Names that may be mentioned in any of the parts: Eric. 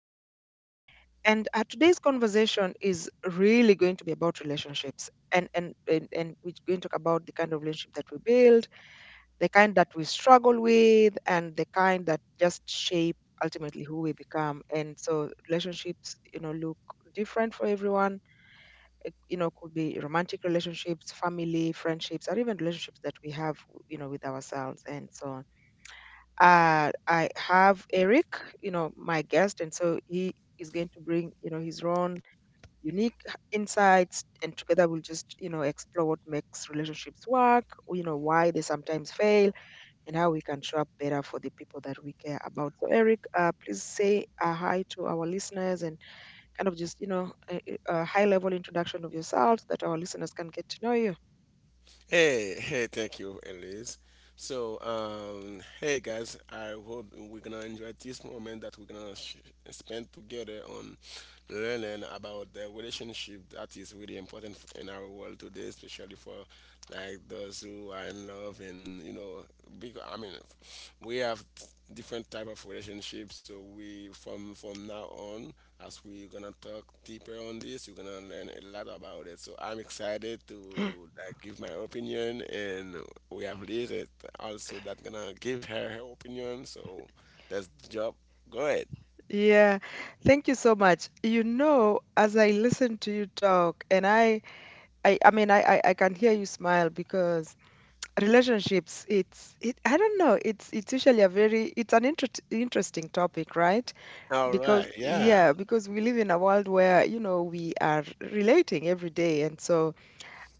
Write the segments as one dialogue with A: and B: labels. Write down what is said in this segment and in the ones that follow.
A: show. And today's conversation is really going to be about relationships, and we're going to talk about the kind of relationship that we build, the kind that we struggle with, and the kind that just shape ultimately who we become. And so relationships, you know, look different for everyone. It could be romantic relationships, family, friendships, or even relationships that we have, with ourselves, and so on. I have Eric, you know, my guest, and so he is going to bring, you know, his own unique insights, and together we'll just, you know, explore what makes relationships work, or, you know, why they sometimes fail, and how we can show up better for the people that we care about. So, Eric, please say a hi to our listeners and kind of just, you know, a high level introduction of yourself so that our listeners can get to know you.
B: Hey, hey, thank you, Elise. So, hey guys, I hope we're gonna enjoy this moment that we're gonna spend together on learning about the relationship that is really important in our world today, especially for like those who are in love and you know, because we have different type of relationships. So we from now on as we're gonna talk deeper on this, you're gonna learn a lot about it. So I'm excited to like give my opinion, and we have Liz it also that gonna give her opinion. So that's the job. Go ahead.
A: Yeah, thank you so much. You know, as I listen to you talk, and I can hear you smile because relationships it's it I don't know it's usually a very, it's an interesting topic, right?
B: All
A: Because,
B: right.
A: yeah,
B: Yeah.
A: because we live in a world where, you know, we are relating every day. And so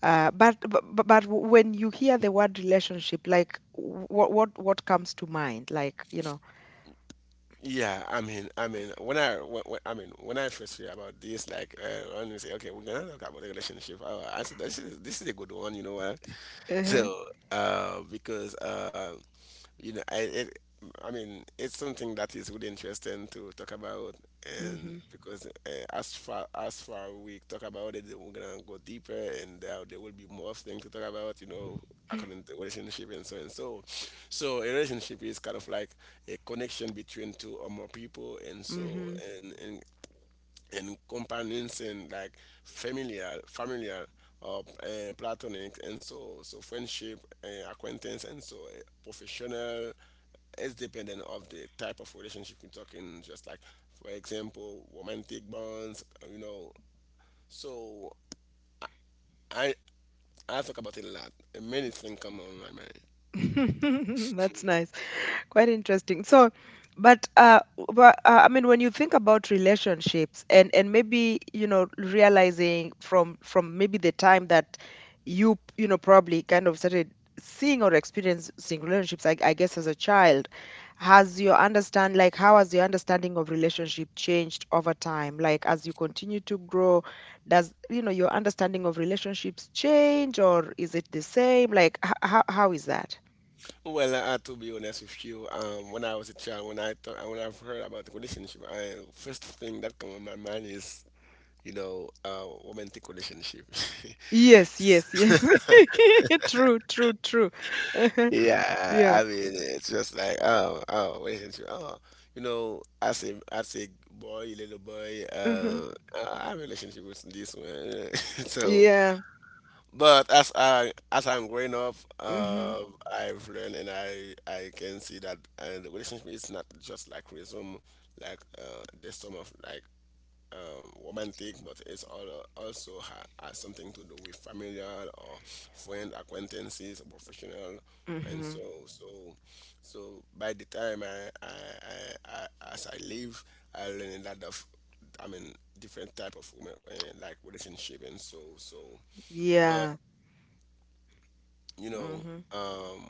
A: but when you hear the word relationship, like, what what comes to mind, like, you know?
B: Yeah, I mean, when- I mean, when I first hear about this, like, when you say, okay, we're gonna talk about the relationship, oh, I said, this is a good one, you know what?
A: Uh-huh.
B: So, because you know, I it, I mean, it's something that is really interesting to talk about,
A: Mm-hmm.
B: and because as far we talk about it, we're gonna go deeper, and there will be more things to talk about, you know, according to relationship and so and so. So a relationship is kind of like a connection between two or more people, and
A: Mm-hmm.
B: so and and companions and like familiar or platonic and so so friendship, acquaintance, and so professional. It's dependent of the type of relationship you're talking, just like for example romantic bonds, you know. So i I talk about it a lot and many things come on my mind.
A: That's nice. Quite interesting. So, but uh, but I mean, when you think about relationships, and maybe, you know, realizing from maybe the time that you know, probably kind of started seeing or experiencing relationships, I guess as a child, has your understand like how has your understanding of relationship changed over time? Like, as you continue to grow, does, you know, your understanding of relationships change, or is it the same? Like, how is that?
B: Well, I to be honest with you, when I was a child, when I've heard about the relationship, I first thing that come on my mind is you know, romantic relationship.
A: Yes, yes, yes. True, true, true.
B: Yeah,
A: Yeah.
B: I mean, it's just like, oh, oh, relationship. Oh, you know, as a boy, little boy,
A: Hmm.
B: I have a relationship with this one. So,
A: Yeah.
B: but as I'm growing up,
A: Hmm.
B: uh, I've learned and I can see that the relationship is not just like resume, like the sum of like romantic, but it's also has something to do with familial or friend, acquaintances, professional, and
A: Hmm.
B: so so so. By the time I as I live, I learn a lot of, I mean, different type of women, like relationship and so so. But
A: Yeah.
B: you know,
A: Hmm.
B: um,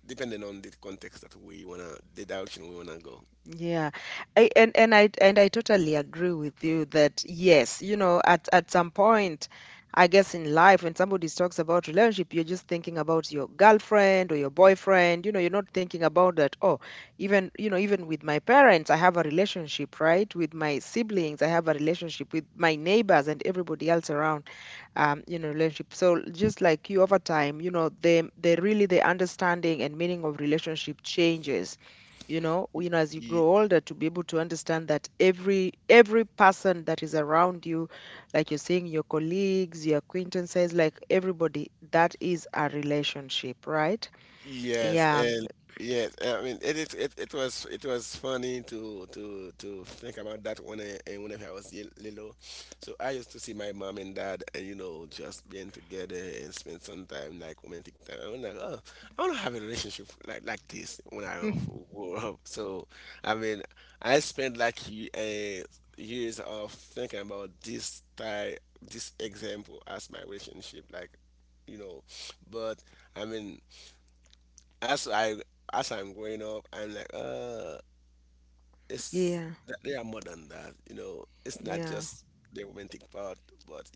B: depending on the context that we wanna, the direction we wanna go.
A: Yeah. I, and I totally agree with you that, yes, you know, at some point, I guess in life, when somebody talks about relationship, you're just thinking about your girlfriend or your boyfriend. You know, you're not thinking about that, oh, even, you know, even with my parents, I have a relationship, right? With my siblings, I have a relationship, with my neighbors and everybody else around, you know, relationship. So just like you, over time, you know, they really, the understanding and meaning of relationship changes, you know, as you grow older, to be able to understand that every person that is around you, like you're saying, your colleagues, your acquaintances, like everybody, that is a relationship, right?
B: Yes,
A: Yeah.
B: and yes, I mean it was funny to think about that when I, and whenever I was little. So I used to see my mom and dad and you know just being together and spend some time like romantic time. I'm like, oh, I want to have a relationship like this when I
A: Mm.
B: grow up. So I mean, I spent like a years of thinking about this type, this example as my relationship, like you know. But i mean as I, as I'm growing up, I'm like, it's
A: Yeah.
B: they are more than that. You know, it's not
A: Yeah,
B: just the romantic part, but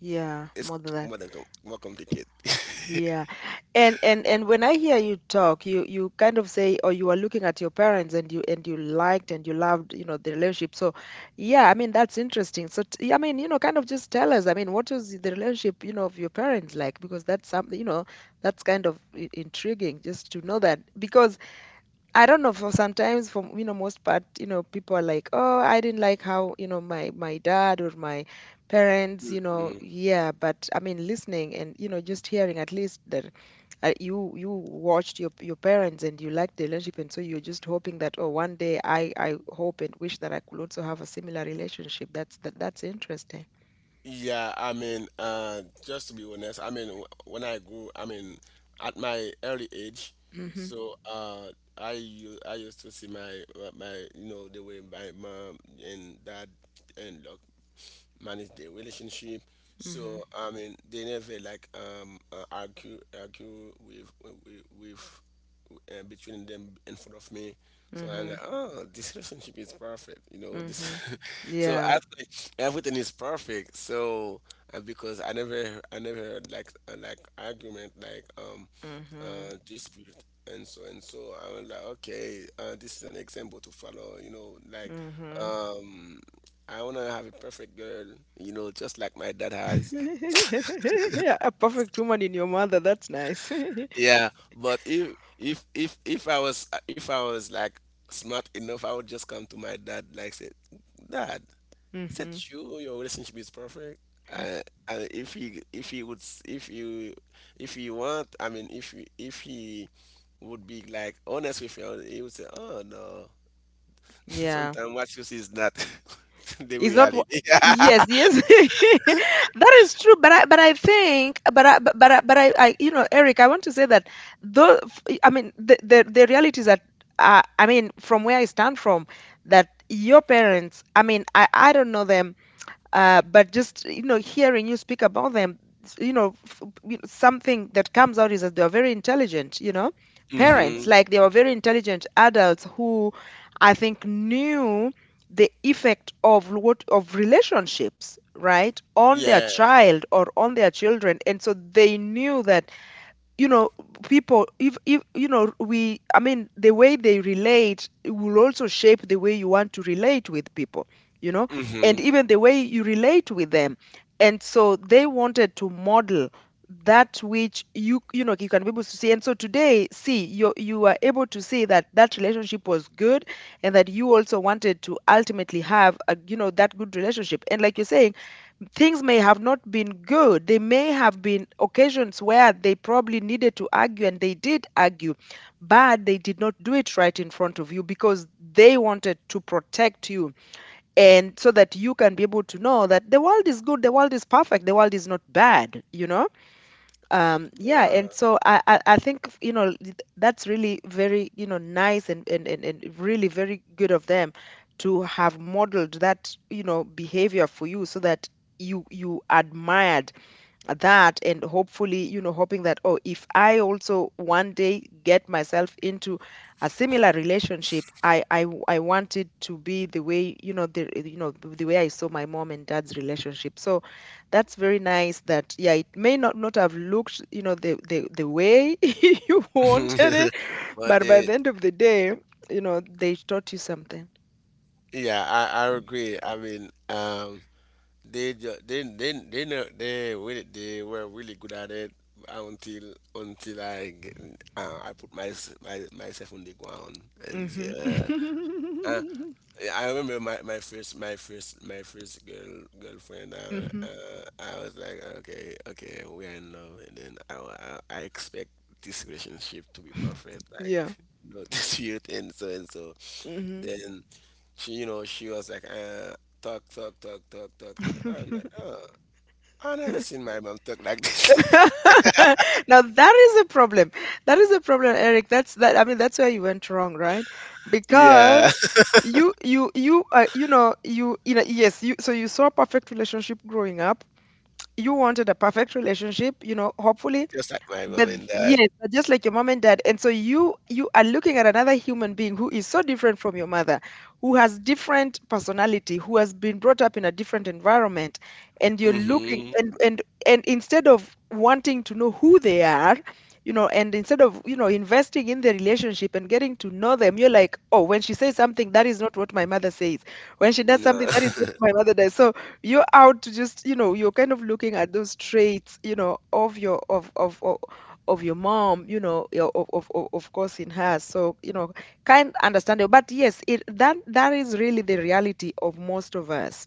A: yeah,
B: it's
A: more than that.
B: more than more complicated.
A: Yeah. And and when I hear you talk, you kind of say, or you are looking at your parents, and you liked and you loved, you know, the relationship. So, yeah, I mean, that's interesting. So, I mean, you know, kind of just tell us, I mean, what was the relationship, you know, of your parents like? Because that's something, you know, that's kind of intriguing just to know that. Because I don't know, for sometimes, for, you know, most part, you know, people are like, oh, I didn't like how, you know, my dad or my parents, you know,
B: Mhm.
A: yeah. But I mean, listening and, you know, just hearing, at least, that you you watched your parents and you liked the relationship, and so you're just hoping that, oh, one day I hope and wish that I could also have a similar relationship. That's that, that's interesting.
B: Yeah, I mean, just to be honest, I mean, when I grew, I mean, at my early age,
A: Mhm.
B: so I used to see my my, you know, the way my mom and dad and look, manage their relationship.
A: Mhm.
B: So I mean, they never like argue with between them in front of me. So I'm like,
A: Mhm.
B: oh, this relationship is perfect. You know this.
A: Mhm.
B: So
A: Yeah.
B: I think everything is perfect. So because I never heard like argument, like
A: Mhm.
B: dispute and so and so. I was like, okay, this is an example to follow. You know, like
A: Mhm.
B: um, I wanna have a perfect girl. You know, just like my dad has.
A: Yeah, a perfect woman in your mother. That's nice.
B: Yeah, but if I was like smart enough, I would just come to my dad like say, "Dad, is that
A: Hmm.
B: true? Your relationship is perfect." Uh, and if he would if you, if you want, I mean, if he would be like honest with you, he would say, "Oh no,
A: Yeah,
B: sometimes what you see is not the
A: it's not.
B: reality."
A: Yes, yes, that is true. But I think, but I, you know, Eric, I want to say that, though. I mean, the reality is that, I mean, from where I stand from, that your parents, I mean, I don't know them, but just, you know, hearing you speak about them, you know, you know, something that comes out is that they are very intelligent, you know, parents.
B: Hmm.
A: Like, they were very intelligent adults who, I think, knew the effect of what, of relationships, right, on their
B: Yeah.
A: child or on their children. And so they knew that, you know, people, if you know we I mean the way they relate, it will also shape the way you want to relate with people, you know, and
B: Hmm.
A: even the way you relate with them. And so they wanted to model that, which you know, you can be able to see. And so today, see, you are able to see that that relationship was good, and that you also wanted to ultimately have a, you know, that good relationship. And like you're saying, things may have not been good. They may have been occasions where they probably needed to argue, and they did argue, but they did not do it right in front of you, because they wanted to protect you, and so that you can be able to know that the world is good, the world is perfect, the world is not bad, you know? Yeah.
B: Yeah.
A: And so I think, you know, that's really very, you know, nice, and and really very good of them to have modeled that, you know, behavior for you, so that you admired that. And hopefully, you know, hoping that, oh, if I also one day get myself into a similar relationship, I want it to be the way, you know, the, you know, the way I saw my mom and dad's relationship. So that's very nice. That, yeah, it may not have looked, you know, the way you wanted it,
B: But
A: but by
B: they.
A: the end of the day, you know, they taught you something.
B: Yeah, I agree. I mean, they ju- they know they really they were really good at it until I get, I put my myself on the ground and say,
A: Hmm.
B: uh, uh, I remember my first girlfriend.
A: Hmm.
B: I was like, okay, okay, we are in love, and then I expect this relationship to be perfect, like
A: Yeah.
B: no dispute and so and so.
A: Hmm.
B: Then she, you know, she was like, talk, talk, talk, talk, talk, talk. I'm like, oh, I never seen my mom talk like this.
A: Now that is a problem. That is a problem, Eric. That's that. I mean, that's where you went wrong, right?
B: Yeah.
A: Because you, you know, you know, yes. You, so you saw a perfect relationship growing up. You wanted a perfect relationship. You know, hopefully.
B: Just like my mom and dad.
A: Yes, but just like your mom and dad, and so you are looking at another human being who is so different from your mother, who has different personality, who has been brought up in a different environment, and you're looking,
B: Mm-hmm.
A: and instead of wanting to know who they are, you know, and instead of, you know, investing in the relationship and getting to know them, you're like, oh, when she says something, that is not what my mother says. When she does
B: No.
A: something, that is what my mother does. So you're out to just, you know, you're kind of looking at those traits, you know, of your mom, you know, yeah, of course, in her. So, you know, kind, understandable. But yes, it, that that is really the reality of most of us.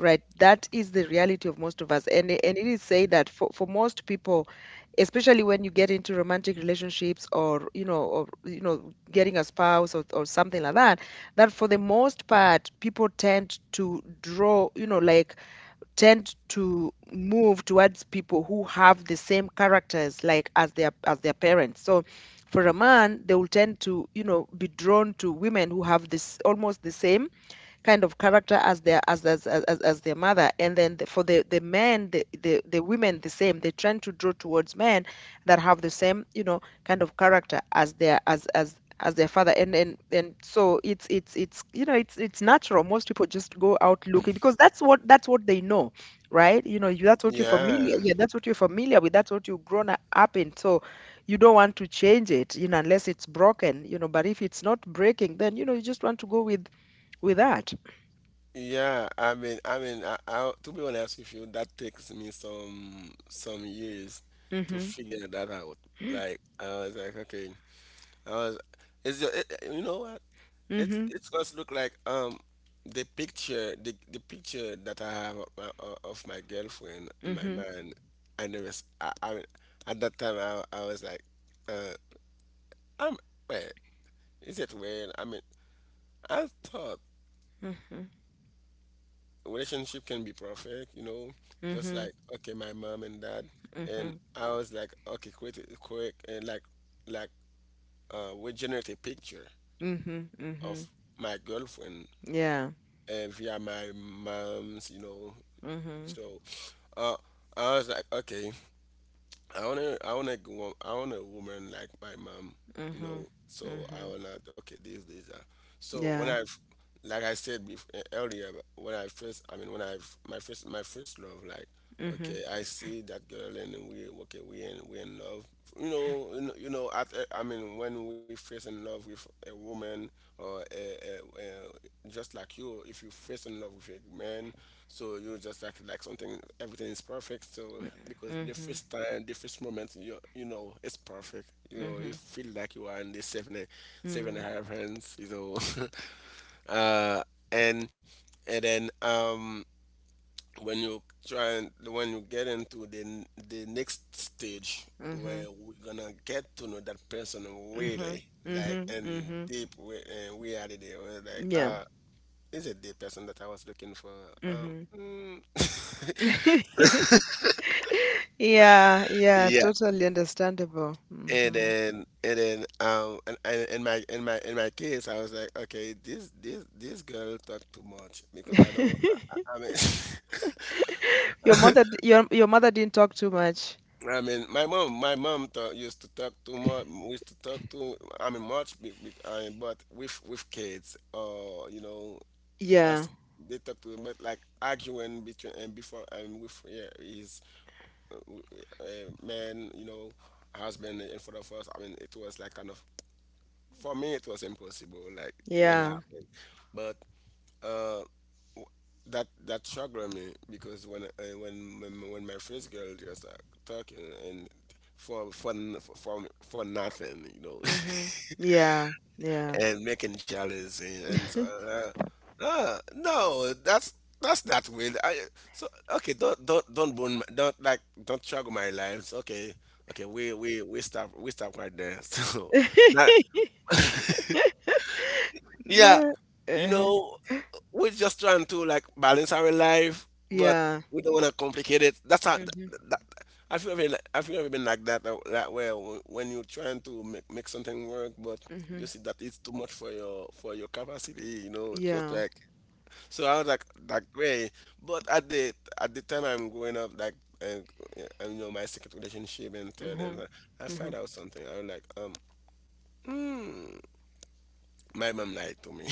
A: Right. That is the reality of most of us. And it is said that for most people, especially when you get into romantic relationships, or, you know, or, you know, getting a spouse, or something like that, that for the most part, people tend to draw, you know, like, tend to move towards people who have the same characters, like, as their parents. So for a man, they will tend to, you know, be drawn to women who have this almost the same kind of character as their as their mother. And then the, for the the men, the women, the same, they tend to draw towards men that have the same, you know, kind of character as their as their father. And so it's it's, you know, it's natural. Most people just go out looking, because that's what, that's what they know, right? You know, you, that's what you're
B: Yeah.
A: familiar, yeah, that's what you're familiar with, that's what you've grown up in. So you don't want to change it, you know, unless it's broken. You know, but if it's not breaking, then, you know, you just want to go with that.
B: Yeah, I, to be honest with you, that takes me some years to
A: Mhm.
B: figure that out. Like, I was like, okay, I was, it's you know what? It's
A: Mhm.
B: it's just look like the picture, the picture that I have of of my girlfriend in my
A: Mhm.
B: mind. I never s- I mean At that time I was like uh I'm well is it well I mean I thought
A: Mhm.
B: relationship can be perfect, you know, just
A: Mhm.
B: like okay, my mom and dad. And
A: Mhm.
B: I was like, okay, quick and like we generate a picture
A: Mhm. Mhm.
B: of my girlfriend
A: Yeah.
B: via my mom's, you know.
A: Mhm.
B: So uh, I was like, okay, I want a woman like my mom, you know.
A: Mhm.
B: So I
A: Mhm.
B: wanna, okay, this, this. So when
A: Yeah.
B: I, like I said before, earlier, when I first, I mean, when I, f- my first love, like,
A: Mhm.
B: okay, I see that girl and then we, okay, we in love. You know, you know at, I mean, when we first in love with a woman or a, just like you, if you first in love with a man, so you just act like something, everything is perfect. So because the
A: Mhm.
B: first time, the first moment, you know it's perfect. You know you
A: Mhm.
B: feel like you are in the seven and
A: Mhm.
B: a half hands. You know, uh, and and then when you try and when you get into the the next stage
A: Mhm. Mhm.
B: where we're gonna get to know that person
A: Mhm.
B: really, like
A: Mhm.
B: in
A: Mhm.
B: deep way and reality, we're like
A: Yeah.
B: is it the person that I was looking for?
A: Mhm.
B: Um.
A: Yeah. Yeah.
B: Mm,
A: Totally understandable.
B: and
A: Mhm.
B: then and in my case I was like okay, this girl talk too much because I don't, I mean.
A: Your mother. Your mother didn't talk too much.
B: I mean my mom talk, used to talk too much, used to talk too, I mean, much but with kids or you know
A: Yeah.
B: as they talk to them, but like arguing between and before and with yeah, his uh, w- man, you know, husband in front of us, I mean it was like kind of, for me it was impossible, like never
A: Yeah.
B: happened. But uh that that triggered me because when I, when my first girl just like talking and for n- for nothing, you know.
A: Mhm. Yeah. Yeah.
B: And making jealous and so no, that's that's not weird. I, so okay, don't burn my, don't like don't trigger my lives. Okay, okay, we stop, we stop right there. So now, yeah,
A: No.
B: you
A: Uh-huh.
B: know, we're just trying to like balance our life, but
A: Yeah.
B: we don't want to complicate it. That's how. That,
A: Mhm.
B: that, have you, I have you been like that that way when you're trying to make, make something work, but you
A: Mhm.
B: see that it's too much for your capacity, you know, it's just
A: Yeah.
B: like, so I was like that way. But at the time I'm growing up, like uh, you know, my second relationship and third, and
A: Mhm.
B: I find
A: Mhm.
B: out something. I was like, hmm, my mom lied to me.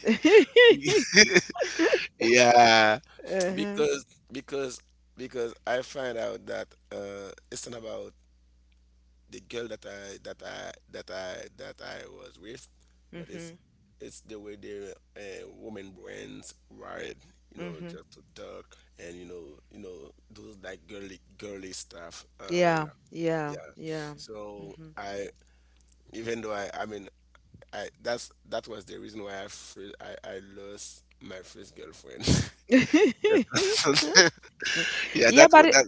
B: Yeah,
A: Uh-huh.
B: because because because I find out that it's not about the girl that I was with, but it's
A: Mhm.
B: it's the way the woman brains wired, you know,
A: Mhm.
B: just to talk and you know those like girly stuff.
A: Yeah. Yeah.
B: Yeah.
A: Yeah.
B: So
A: Mhm.
B: I even though I mean I that was the reason why I fr- I lost my first girlfriend. That's- yeah,
A: Yeah,
B: that, wa-
A: but
B: that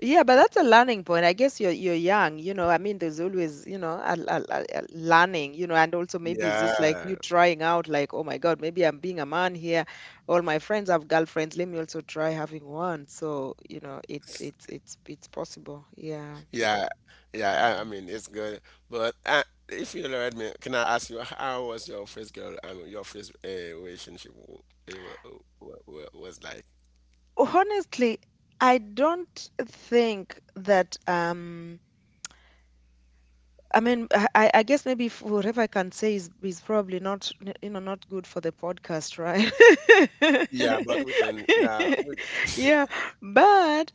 A: yeah, but that's a learning point. I guess you're young, you know. I mean, there's always, a, a learning, you know, and also maybe it's just like you
B: Yeah,
A: trying out, like, oh my God, maybe I'm being a man here. All my friends have girlfriends. Let me also try having one. So, you know, it's it's possible. Yeah.
B: yeah, yeah. I mean, it's good. But if you let me, can I ask you how was your first girl? I mean, your first relationship eh, wa- was like.
A: Honestly, I don't think that I mean, I I guess maybe if whatever I can say is probably not, n- you know, not good for the podcast, right?
B: Yeah, but we can. Yeah, we. Can.
A: Yeah, but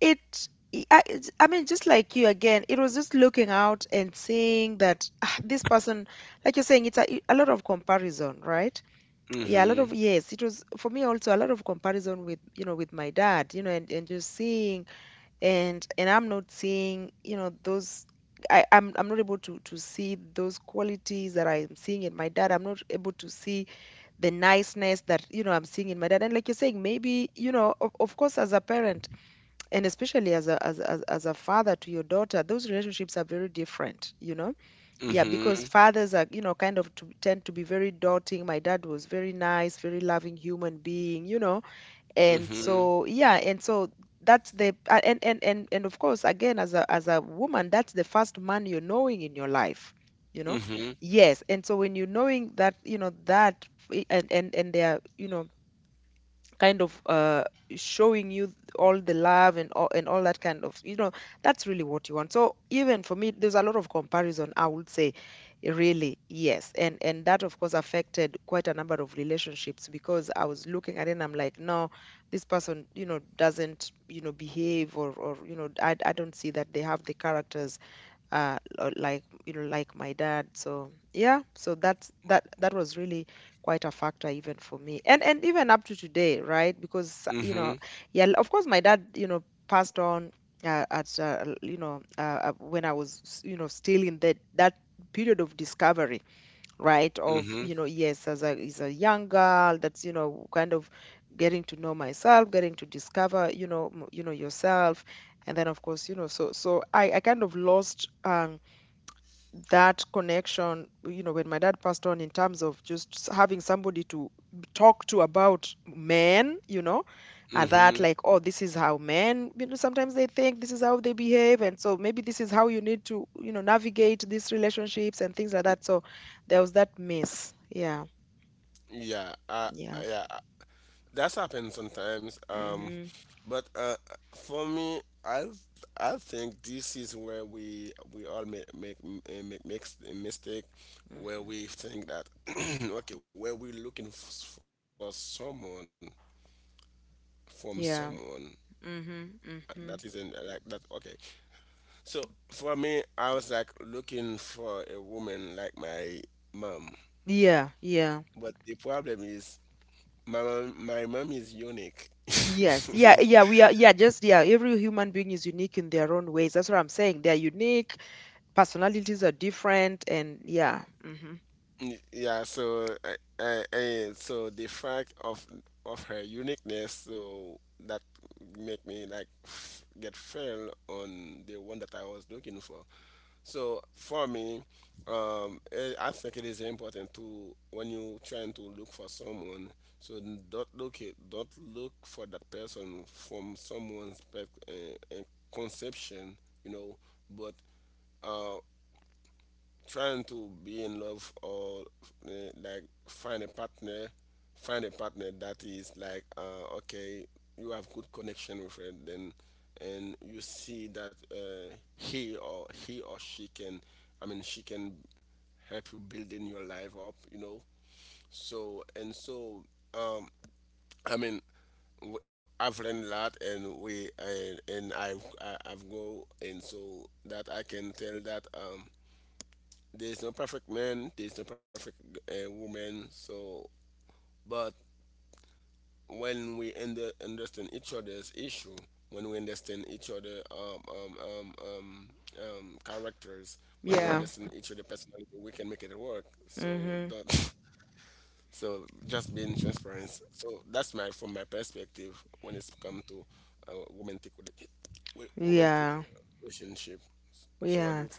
A: it, I it's- I mean, just like you again, it was just looking out and seeing that ah, this person, like you're saying, it's a lot of comparison, right? Yeah, a lot
B: Mhm.
A: of, yes, it was for me also a lot of comparison with, you know, with my dad, you know, and just seeing and I'm not seeing, you know, those I'm I'm not able to see those qualities that I'm seeing in my dad. I'm not able to see the niceness that you know I'm seeing in my dad. And like you're saying, maybe you know, of course, as a parent and especially as a as as a father to your daughter, those relationships are very different. You know, yeah, because
B: Mhm.
A: fathers are you know kind of tend to be very doting. My dad was very nice, very loving human being. You know, and
B: Mhm.
A: so, yeah, and so that's and and of course, again, as a woman, that's the first man you're knowing in your life, you know.
B: Mhm.
A: Yes, and so when you're knowing that, you know, and and they are, you know, kind of showing you all the love and all that kind of you know that's really what you want. So even for me there's a lot of comparison I would say. Really, yes, and that of course affected quite a number of relationships because I was looking at it and I'm like no, this person you know doesn't you know behave or I don't see that they have the characters or like you know like my dad. So yeah, so that's that that was really quite a factor even for me and even up to today right because you
B: Mhm.
A: know yeah of course my dad you know passed on you know when I was you know still in that that period of discovery, right, of
B: Mhm.
A: you know yes as a is a young girl that's you know kind of getting to know myself, getting to discover you know you know yourself. And then of course you know so so I kind of lost that connection, you know, when my dad passed on, in terms of just having somebody to talk to about men, you know, and that
B: Mhm.
A: like, oh, this is how men, you know, sometimes they think this is how they behave, and so maybe this is how you need to, you know, navigate these relationships and things like that. So there was that mess. Yeah,
B: Yeah.
A: yeah,
B: Yeah. That's happened sometimes.
A: hmm
B: But for me, I think this is where we all make makes a mistake, where we think that okay, where we're looking for someone from someone
A: yeah. Mm-hmm.
B: that isn't
A: Mm-hmm.
B: like that. Okay, so for me, I was like looking for a woman like my mom,
A: Yeah, yeah.
B: but the problem is my mom is unique.
A: Yes. Yeah, yeah, we are yeah, just yeah, every human being is unique in their own ways. That's what I'm saying. They're unique. Personalities are different and yeah. Hmm.
B: Mm, yeah, so and so the fact of her uniqueness, so that make me like f- get fell on the one that I was looking for. So for me, I think it is important to when you trying to look for someone, so don't look for that person from someone's conception, you know, but uh trying to be in love or uh, like find a partner that is like okay, you have good connection with her then and you see that he or she can, I mean she can help you building your life up, you know. So and so, um I mean, I've learned a lot and we and I I've go and so that I can tell that there's no perfect man, there's no perfect woman. So, but when we understand each other's issue, when we understand each other characters, when we understand
A: Yeah.
B: each other personality, we can make it work. So
A: Hmm.
B: don't. So just being transparent. So that's my from my perspective when it's come to uh, romantic romantic
A: Yeah.
B: relationship. So what do you
A: Yeah.
B: think?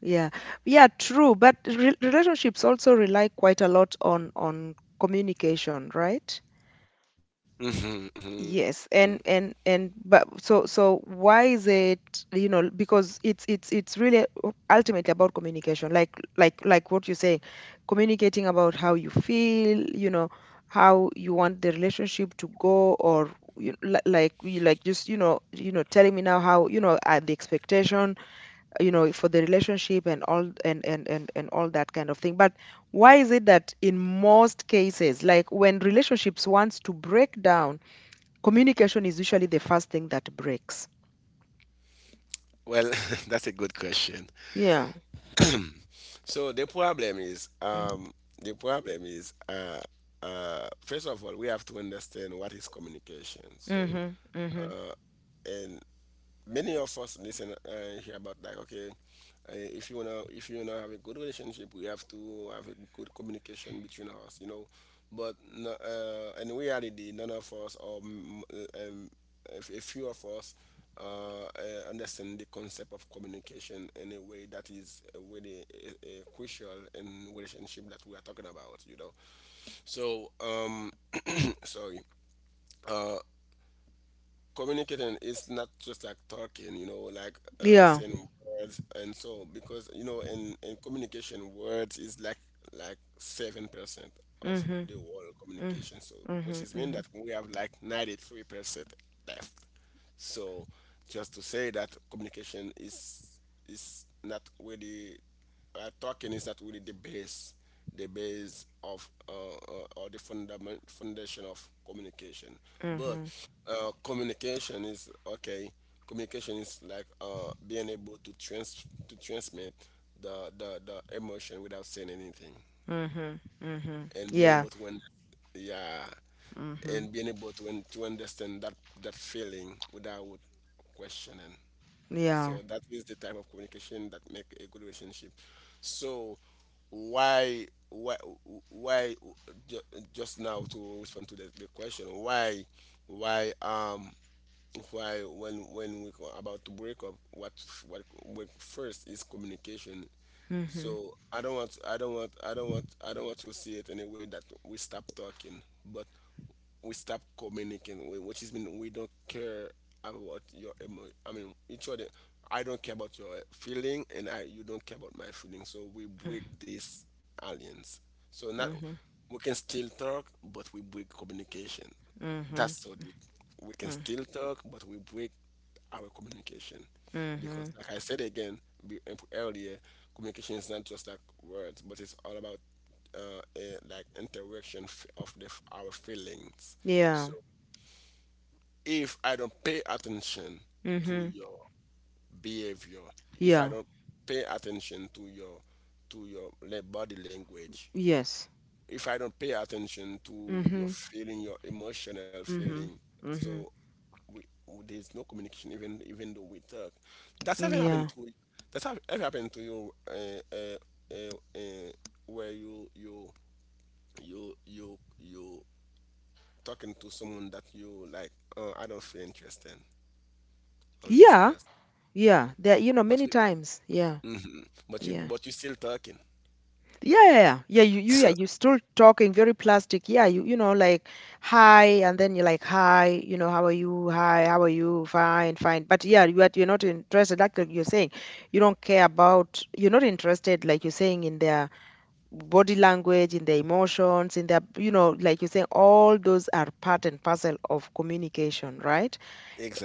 A: Yeah. Yeah, true, but re relationships also rely quite a lot on communication, right?
B: Hmm. Hmm.
A: Yes, and and but so so why is it, you know, because it's it's really ultimately about communication, like like what you're saying, communicating about how you feel, you know, how you want the relationship to go, or like you like just you know telling me now how you know the expectation, you know, for the relationship and all and and all that kind of thing. But why is it that in most cases, like when relationships wants to break down, communication is usually the first thing that breaks.
B: Well, that's a good question.
A: Yeah.
B: So
A: Mm.
B: the problem is, first of all, we have to understand what is communication. So,
A: Mhm. Mhm.
B: and many of us listen here about like, okay, if you wanna have a good relationship, we have to have a good communication between us, you know. But no, in reality, none of us, or a a few of us understand the concept of communication in a way that is really crucial in relationship that we are talking about, you know. So sorry, uh, communicating is not just like talking, you know, like
A: Yeah.
B: saying words and so, because you know, in communication words is like 7% of
A: Mhm.
B: the whole
A: Mhm.
B: communication, so which is
A: Mhm.
B: mean that
A: Mhm.
B: we have like 93 percent left. So just to say that communication is not really, talking is not really the base, the base of or the fundament foundation of communication. But
A: Mhm.
B: communication is okay. Communication is like being able to transmit the, the emotion without saying anything,
A: Mhm. Mhm.
B: and being able
A: Yeah.
B: to when, yeah,
A: Mhm.
B: and being able to understand that that feeling without questioning.
A: Yeah.
B: So that is the type of communication that make a good relationship. So why why why ju- just now to respond to the question, why um why when we go about to break up, what first is communication.
A: Mhm.
B: So I don't want I don't want I don't want I don't want to see it in a way that we stop talking, but we stop communicating, which is mean we don't care about your emo. I mean, each other. I don't care about your feeling, and I you don't care about my feeling. So we
A: Mm.
B: break this alliance. So not,
A: Mhm.
B: we can still talk, but we break communication.
A: Mhm.
B: That's so deep. We can
A: Mm.
B: still talk, but we break our communication because,
A: Mhm.
B: like I said again, earlier, communication is not just like words, but it's all about like interaction of the, our feelings.
A: Yeah.
B: So if I don't pay attention to
A: Mhm.
B: your behavior, if
A: Yeah.
B: I don't pay attention to your body language,
A: Yes.
B: if I don't pay attention to your
A: Mhm.
B: feeling, your emotional
A: Mhm.
B: feeling,
A: Mhm.
B: so we, there's no communication. Even even though we talk, that's ever
A: Yeah.
B: happened to that's have ever happened to you, uh, uh, where you talking to someone that you like. Oh, I don't feel interested on this
A: Yeah.
B: person,
A: Yeah. There you know many
B: but
A: times. Yeah.
B: mhm, but you
A: Yeah.
B: but you still talking.
A: Yeah, yeah, yeah. Yeah, yeah,
B: So
A: you're still talking very plastic. Yeah, you know, like hi, and then you're like hi, you know, how are you? Hi, how are you? Fine, fine. But yeah, you are, you're not interested. Like you're saying, you don't care about. You're not interested, like you're saying, in their body language, in their emotions, in their, you know, like you're saying, all those are part and parcel of communication, right?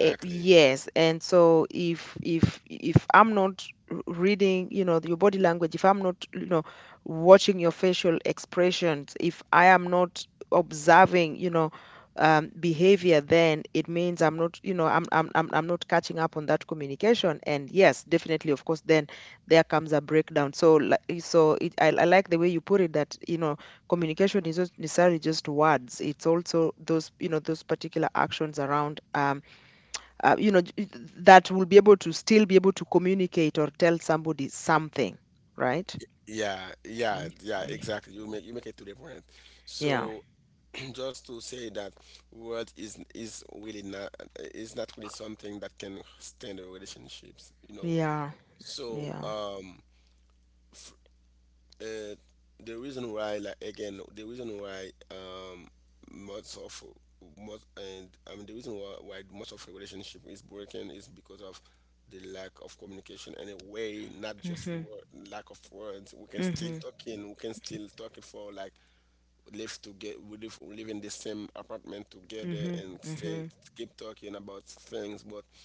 A: Eh, yes, and so if if I'm not reading you know your body language, if I'm not you know watching your facial expressions, if I am not observing you know behavior, then it means I'm not you know I'm I'm not catching up on that communication, and yes definitely of course then there comes a breakdown. So so it, I like the way you put it, that you know communication is not necessarily just words, it's also those you know those particular actions around you know, that will be able to still be able to communicate or tell somebody something, right?
B: yeah,
A: Mm, mm.
B: exactly. You make it to the point.
A: Yeah,
B: So just to say that world is really not, is not really something that can stand the relationships, you know.
A: yeah,
B: So
A: yeah.
B: uh, the reason why, like again, the reason why, most of most and I mean, the reason why most of a relationship is broken is because of the lack of communication and a way not just
A: Mm-hmm,
B: word, lack of words. We can
A: mm-hmm,
B: still talking, we can still talk it for like live to get, we live in the same apartment
A: mm-hmm,
B: together and
A: mm-hmm,
B: say keep talking about things, but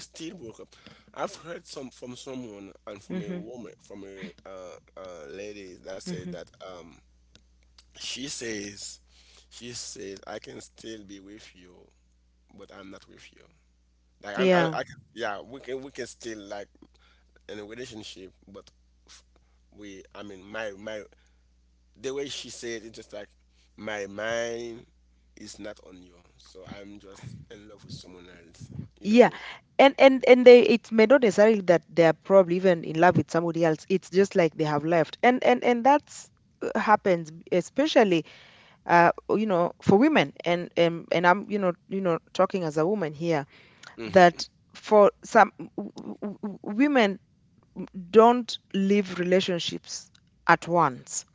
B: we still broke up. I've heard some from someone and from
A: mm-hmm,
B: a woman, from a lady that
A: mm-hmm.
B: said that, she says, she says, I can still be with you but I'm not with you. Like
A: Yeah,
B: I can, yeah, we can, still like in a relationship but, f- we I mean my my the way she said it's just like, my mind is not on you, so I'm just in love with someone else, you
A: yeah.
B: know.
A: And and they, it may not necessarily that they are probably even in love with somebody else. It's just like they have left, and and that's happens especially you know for women and I'm you know talking as a woman here,
B: Mhm.
A: that for some women don't leave relationships at once,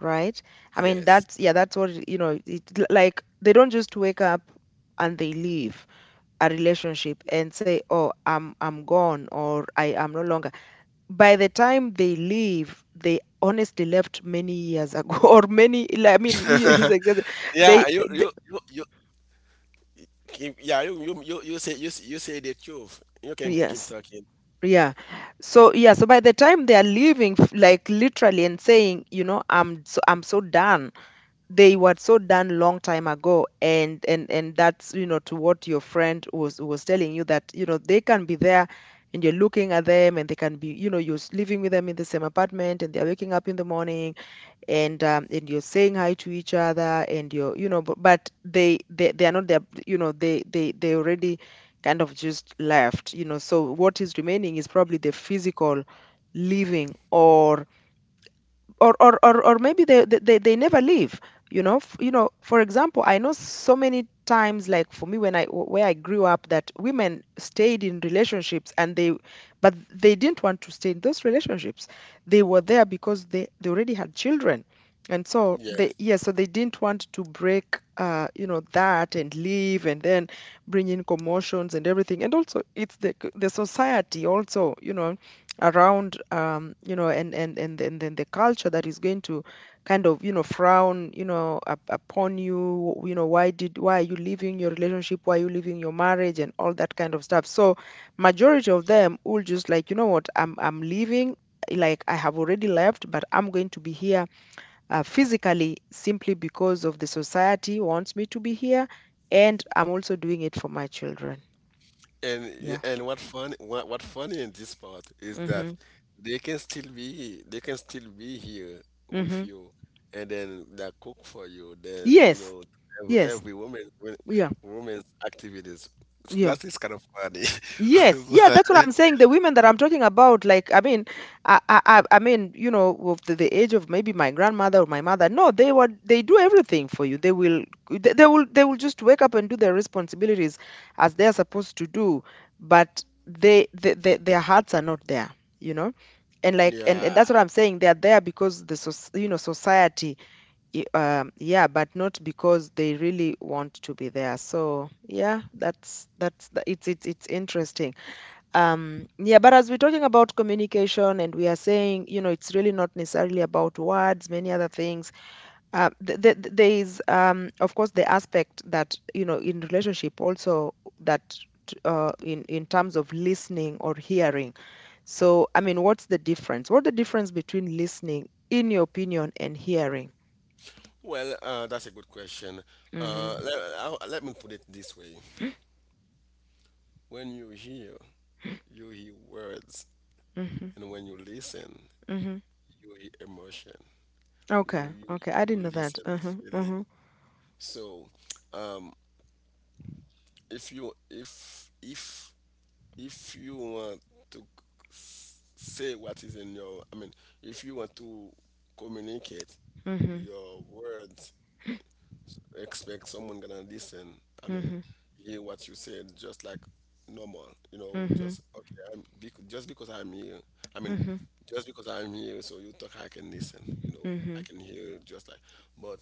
A: right? I mean
B: Yes.
A: that's yeah that's what you know it, like they don't just wake up and they leave a relationship and say oh I'm gone or I am no longer. By the time they leave they honestly left many years ago or many like, I mean he's exactly they,
B: Yeah,
A: they
B: yeah, you say the truth. You can keep
A: yes.
B: talking.
A: Yeah. So yeah, so by the time they are leaving like literally and saying, you know, I'm so done. They were so done long time ago, and and that's, you know, to what your friend was telling you that, you know, they can be there and you're looking at them and they can be, you know, you're living with them in the same apartment and they're waking up in the morning and you're saying hi to each other and you're you know, but they they are not there, you know they they already kind of just left, you know. So what is remaining is probably the physical living or or maybe they they never leave, you know. You know for example I know so many times like for me when I where I grew up, that women stayed in relationships and they, but they didn't want to stay in those relationships. They were there because they already had children, and so they
B: Yes.
A: yeah, so they didn't want to break you know that and leave and then bring in commotions and everything. And also it's the society also you know around you know, and and then the culture that is going to kind of you know frown you know upon you, you know, why did why are you leaving your relationship, why are you leaving your marriage and all that kind of stuff. So majority of them will just like, you know what, I'm leaving, like I have already left, but I'm going to be here physically simply because of the society wants me to be here, and I'm also doing it for my children. Yeah.
B: And what fun, what funny in this part is that
A: Mhm.
B: they can still be here with
A: Mhm.
B: you and then they cook for you, then you know,
A: Yes. Yes.
B: every woman
A: Yeah.
B: woman's activities, that
A: Yeah.
B: is kind of funny.
A: Yes, yeah, that's
B: But—
A: what I'm saying. The women that I'm talking about, like, I mean, I I mean, you know, of the age of maybe my grandmother or my mother. No, they were, they do everything for you. They will, they will, they will just wake up and do their responsibilities as they are supposed to do, but they their hearts are not there, you know. And like, and
B: yeah.
A: that's what I'm saying. They are there because soc- you know, society, yeah, but not because they really want to be there. So yeah, it's interesting. Yeah, but as we're talking about communication and we are saying, you know, it's really not necessarily about words, many other things. There is, of course, the aspect that, you know, in relationship also that in terms of listening or hearing. So, I mean, what's the difference? What the difference between listening, in your opinion, and hearing?
B: Well, that's a good question.
A: Mm-hmm.
B: I, let me put it this way. When you hear, you hear words,
A: Mm-hmm.
B: and when you listen,
A: Mm-hmm.
B: you hear emotion. you,
A: Okay.
B: you,
A: Okay. I didn't
B: you
A: know that.
B: listen
A: Uh-huh.
B: feeling.
A: Uh-huh.
B: So, um, if you if if if you want to say what is in your, I mean, if you want to communicate
A: Mm-hmm.
B: your words, expect someone gonna listen. I mean,
A: Mm-hmm.
B: hear what you said, just like normal. You know,
A: Mm-hmm.
B: just okay. Just because I'm here. I mean,
A: Mm-hmm.
B: just because I'm here, so you talk, I can listen. You know,
A: Mm-hmm.
B: I can hear you just like. But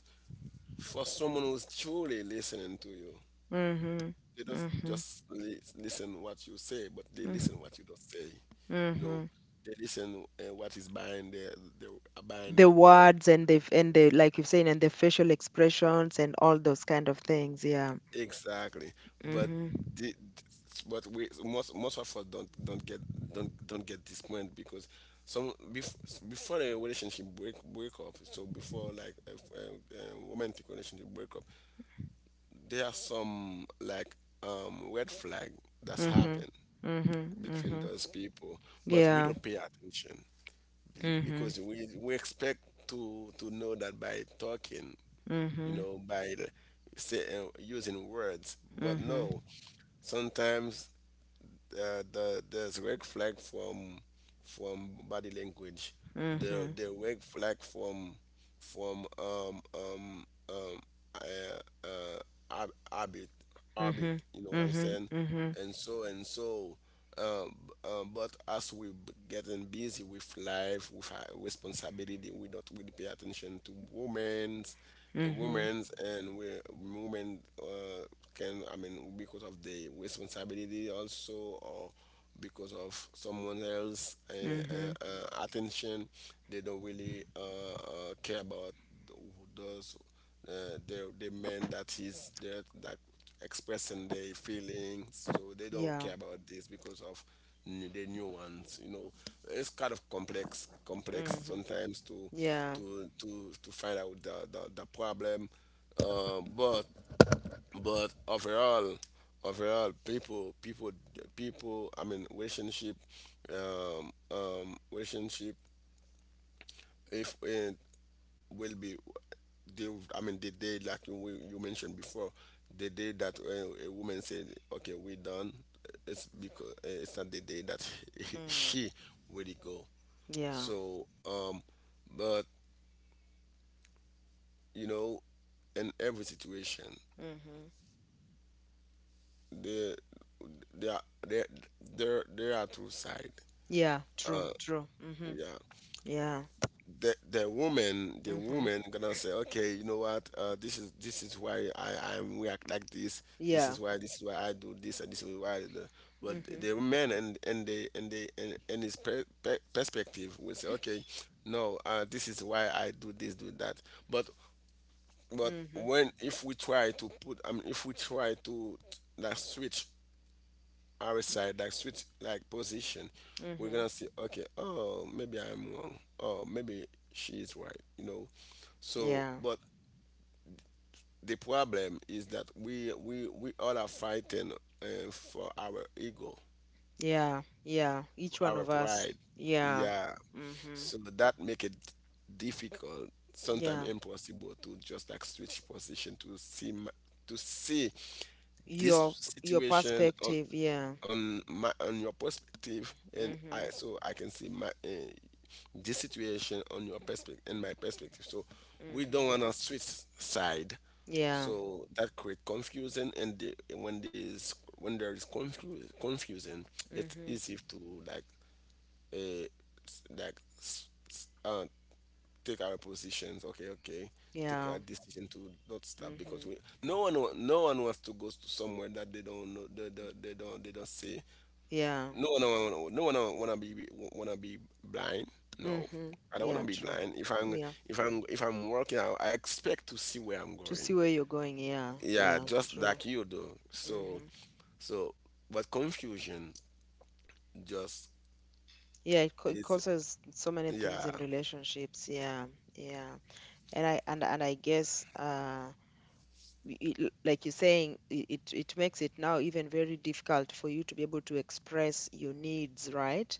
B: for someone who's truly listening to you,
A: Mm-hmm.
B: they don't
A: Mm-hmm.
B: just listen what you say, but they listen what you don't say. You know,
A: Mm-hmm.
B: they listen what is behind the behind the
A: The
B: word.
A: words and the like you're saying and the facial expressions and all those kind of things. Yeah.
B: Exactly. But
A: Mm-hmm.
B: the, but we, most of us don't don't get this point, because some before a relationship break up. So before like a romantic relationship break up, there are some, like, red flag that's
A: Mm-hmm.
B: happened
A: Mm-hmm.
B: between
A: Mm-hmm.
B: those people, but we
A: Yeah.
B: don't pay attention,
A: Mm-hmm.
B: because we expect to know that by talking, you
A: Mm-hmm.
B: know, by the, say, using words, but
A: Mm-hmm.
B: no, sometimes the there's red flag from body language,
A: Mm-hmm.
B: the red flag from um uh, habit, habit,
A: Mm-hmm.
B: you know what I'm
A: Mm-hmm.
B: saying,
A: Mm-hmm.
B: and so and so. Um, but as we getting busy with life, with our responsibility, we don't really pay attention to women's and
A: Mm-hmm.
B: women's, and we women, can, I mean, because of the responsibility also, or because of someone else
A: Mm-hmm.
B: attention, they don't really care about who does the men that is there that expressing their feelings, so they don't
A: Yeah.
B: care about this because of new, the new ones. You know, it's kind of complex, complex
A: Mm-hmm.
B: sometimes to
A: Yeah.
B: to find out the problem. But but overall, people people people I mean relationship if and will be they I mean the day, like you mentioned before, the day that a woman said, "Okay, we done," it's because it's not the day that
A: Mm.
B: she really go.
A: Yeah.
B: So but you know, in every situation,
A: Mm-hmm.
B: there there there there are two sides.
A: Yeah. True. True. Mm-hmm.
B: Yeah.
A: Yeah.
B: The woman the
A: Mm-hmm.
B: woman gonna say, "Okay, you know what, this is why I I'm react like this.
A: Yeah.
B: This is why I do this, and this is why I do." But
A: Mm-hmm.
B: the man, and his perspective will say, "Okay, no, this is why I do this, do that." but but
A: Mm-hmm.
B: when, if we try to put, I mean, if we try to that switch our side, like switch like position, we're
A: Mm-hmm.
B: gonna see, okay, oh maybe I'm wrong. Oh, maybe she is right, you know. So
A: Yeah,
B: but the problem is that we all are fighting for our ego,
A: yeah, yeah. Each one
B: our
A: of us.
B: pride.
A: Yeah.
B: Yeah.
A: Mm-hmm.
B: So that make it difficult,
A: Yeah.
B: sometimes impossible, to just like switch position to see to see this
A: Your your
B: situation
A: perspective. Yeah.
B: on my on your perspective, and
A: Mm-hmm.
B: I so I can see my this situation on your perspective and my perspective. So we
A: Mm-hmm.
B: don't want to switch side,
A: Yeah.
B: so that create confusion. And the, when there's, when there is confusion, it's
A: Mm-hmm.
B: easy to, like, uh, s- like s- s- uh, take our positions. Okay, okay, take
A: Yeah.
B: a decision to not stop because
A: Mm-hmm.
B: we, no one no one wants to go to somewhere that they don't know, they, they don't, they don't see.
A: Yeah.
B: No, no, no, no, no one wanna be blind. No,
A: Mm-hmm.
B: I don't wanna
A: Yeah.
B: be
A: True.
B: blind. If I'm,
A: Yeah.
B: if I'm working, I expect to see where I'm
A: To
B: going.
A: see where you're going. Yeah.
B: Yeah,
A: Yeah.
B: just
A: True.
B: like you do. So,
A: Mm-hmm.
B: so, but confusion just
A: Yeah. It
B: is,
A: causes so many things
B: yeah,
A: in relationships. Yeah. Yeah. And I guess, like you're saying, it it makes it now even very difficult for you to be able to express your needs, right?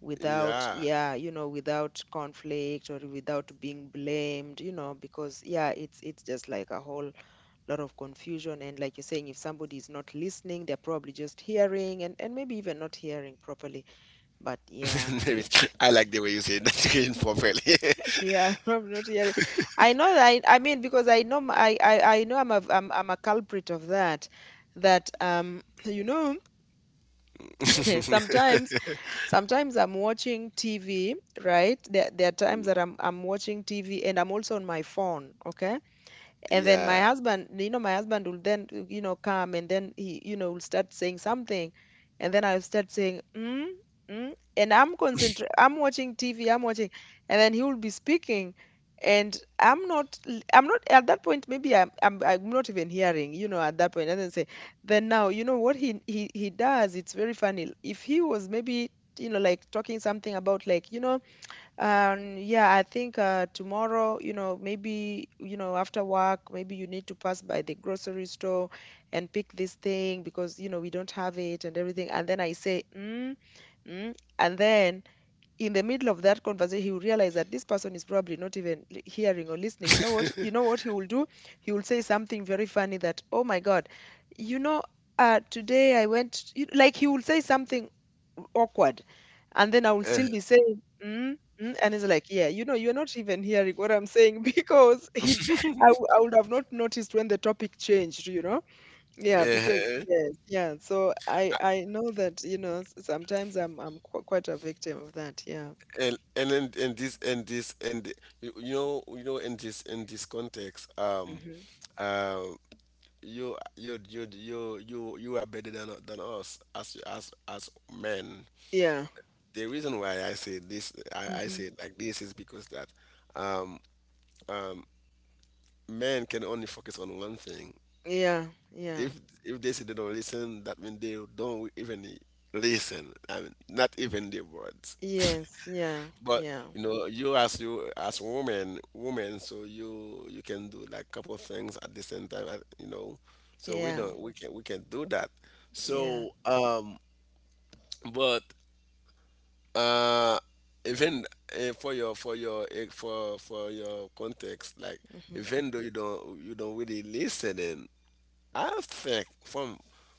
A: Without,
B: yeah.
A: yeah, you know, without conflict or without being blamed, you know, because yeah, it's just like a whole lot of confusion. And like you're saying, if somebody is not listening, they're probably just hearing and maybe even not hearing properly. But yeah.
B: Maybe I like the way you say that again properly.
A: Yeah, I'm not hearing. I know that I mean because I know I know I'm a culprit of that. That you know sometimes sometimes I'm watching TV, right? There are times that I'm watching TV and I'm also on my phone, okay? And then my
B: Yeah.
A: husband, you know, my husband will then, you know, come and then he, you know, will start saying something, and then I'll start saying mm, mm, and I'm concentrating, I'm watching TV, I'm watching, and then he will be speaking, and I'm not at that point. Maybe I'm not even hearing, you know, at that point. And then say, then now you know what he does. It's very funny. If he was maybe, you know, like talking something about, like, you know, yeah, I think tomorrow, you know, maybe, you know, after work, maybe you need to pass by the grocery store and pick this thing because, you know, we don't have it and everything. And then I say, mm, mm. And then in the middle of that conversation, he will realize that this person is probably not even hearing or listening. You know what? You know what he will do? He will say something very funny that, oh my God, you know, today I went, like he will say something awkward, and then I will still be saying, mm, mm, and he's like, yeah, you know, you're not even hearing what I'm saying because I, I would have not noticed when the topic changed, you know? Yeah, because
B: Uh-huh.
A: yes, yeah. So I know that, you know, sometimes I'm quite a victim of that. Yeah.
B: And in this and you know, in this, in this context,
A: Hmm.
B: um you are better than us as men.
A: Yeah.
B: The reason why I say this, I
A: Hmm.
B: say it like this, is because that um um men can only focus on one thing.
A: Yeah. Yeah.
B: if if they say they don't listen, that means they don't even listen, I mean, not even their words.
A: Yes. Yeah.
B: But
A: Yeah.
B: you know, you as, woman, woman, so you can do like couple of things at the same time, you know. So we
A: Yeah.
B: don't, we can do that.
A: Yeah.
B: So but uh, even for your, for your context, like
A: Hmm.
B: even though you don't, you don't really listen, in, I think from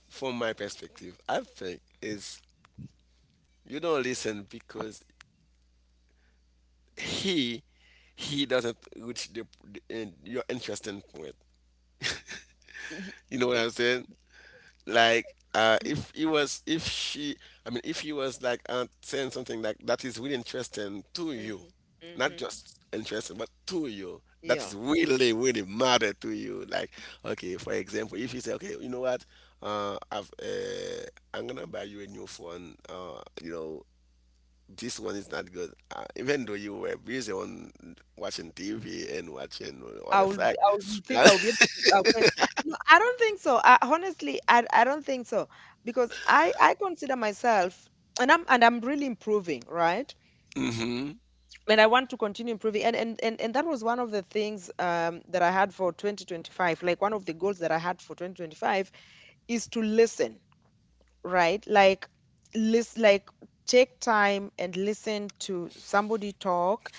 B: from my perspective, I think is you don't listen because he he doesn't reach the in your interesting point. You know what I'm saying? Like if he was, if she, I mean if he was like saying something like that is really interesting to you,
A: Hmm.
B: not
A: Hmm.
B: just interesting but to you, that is
A: Yeah.
B: really, really matter to you. Like, okay, for example, if you say, "Okay, you know what, uh, I've, uh, I'm gonna buy you a new phone. You know, this one is not good." Even though you were busy on watching TV and watching what the flag.
A: You think I will be able to? No, I don't think so. Honestly, I don't think so because I consider myself, and I'm really improving, right?
B: Mm-hmm.
A: And I want to continue improving. And, that was one of the things that I had for 2025. Like one of the goals that I had for 2025 is to listen, right? Like, list, like, take time and listen to somebody talk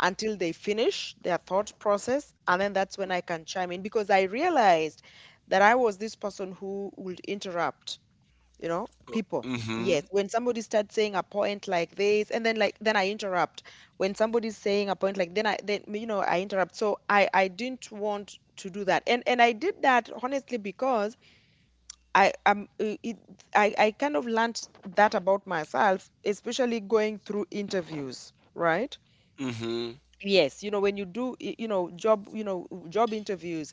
A: until they finish their thought process, and then that's when I can chime in because I realized that I was this person who would interrupt, you know, people.
B: Mm-hmm.
A: Yes, when somebody starts saying a point like this, and then like then I interrupt. When somebody's saying a point, like, then I, then you know, I interrupt. So I didn't want to do that, and I did that honestly because I am I kind of learned that about myself, especially going through interviews, right?
B: Mm-hmm.
A: Yes, you know, when you do, you know, you know, job interviews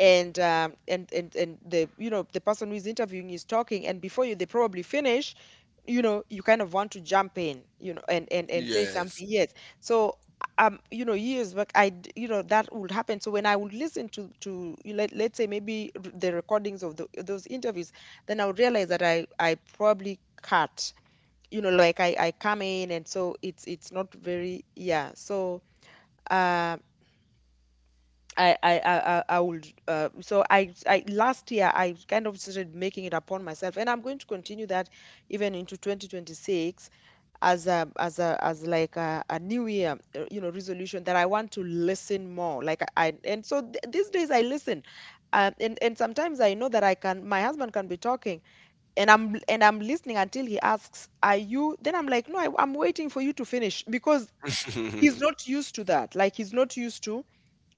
A: and the, you know, the person who is interviewing is talking and before you they probably finish, you know, you kind of want to jump in, you know, and say
B: Yes.
A: something. Yes. So you know, years back, you know, that would happen. So when I would listen to you, let let's say maybe the recordings of the, those interviews, then I would realize that I probably cut. You know, like I come in, and so it's not very, yeah. So. Um, I I would so I last year I kind of started making it upon myself, and I'm going to continue that even into 2026 as a as a as like a new year you know, resolution that I want to listen more. Like I, and so these days I listen, and sometimes I know that I can. My husband can be talking, and I'm listening until he asks, "Are you?" Then I'm like, "No, I'm waiting for you to finish," because
B: Yeah,
A: he's not used to that. Like, he's not used to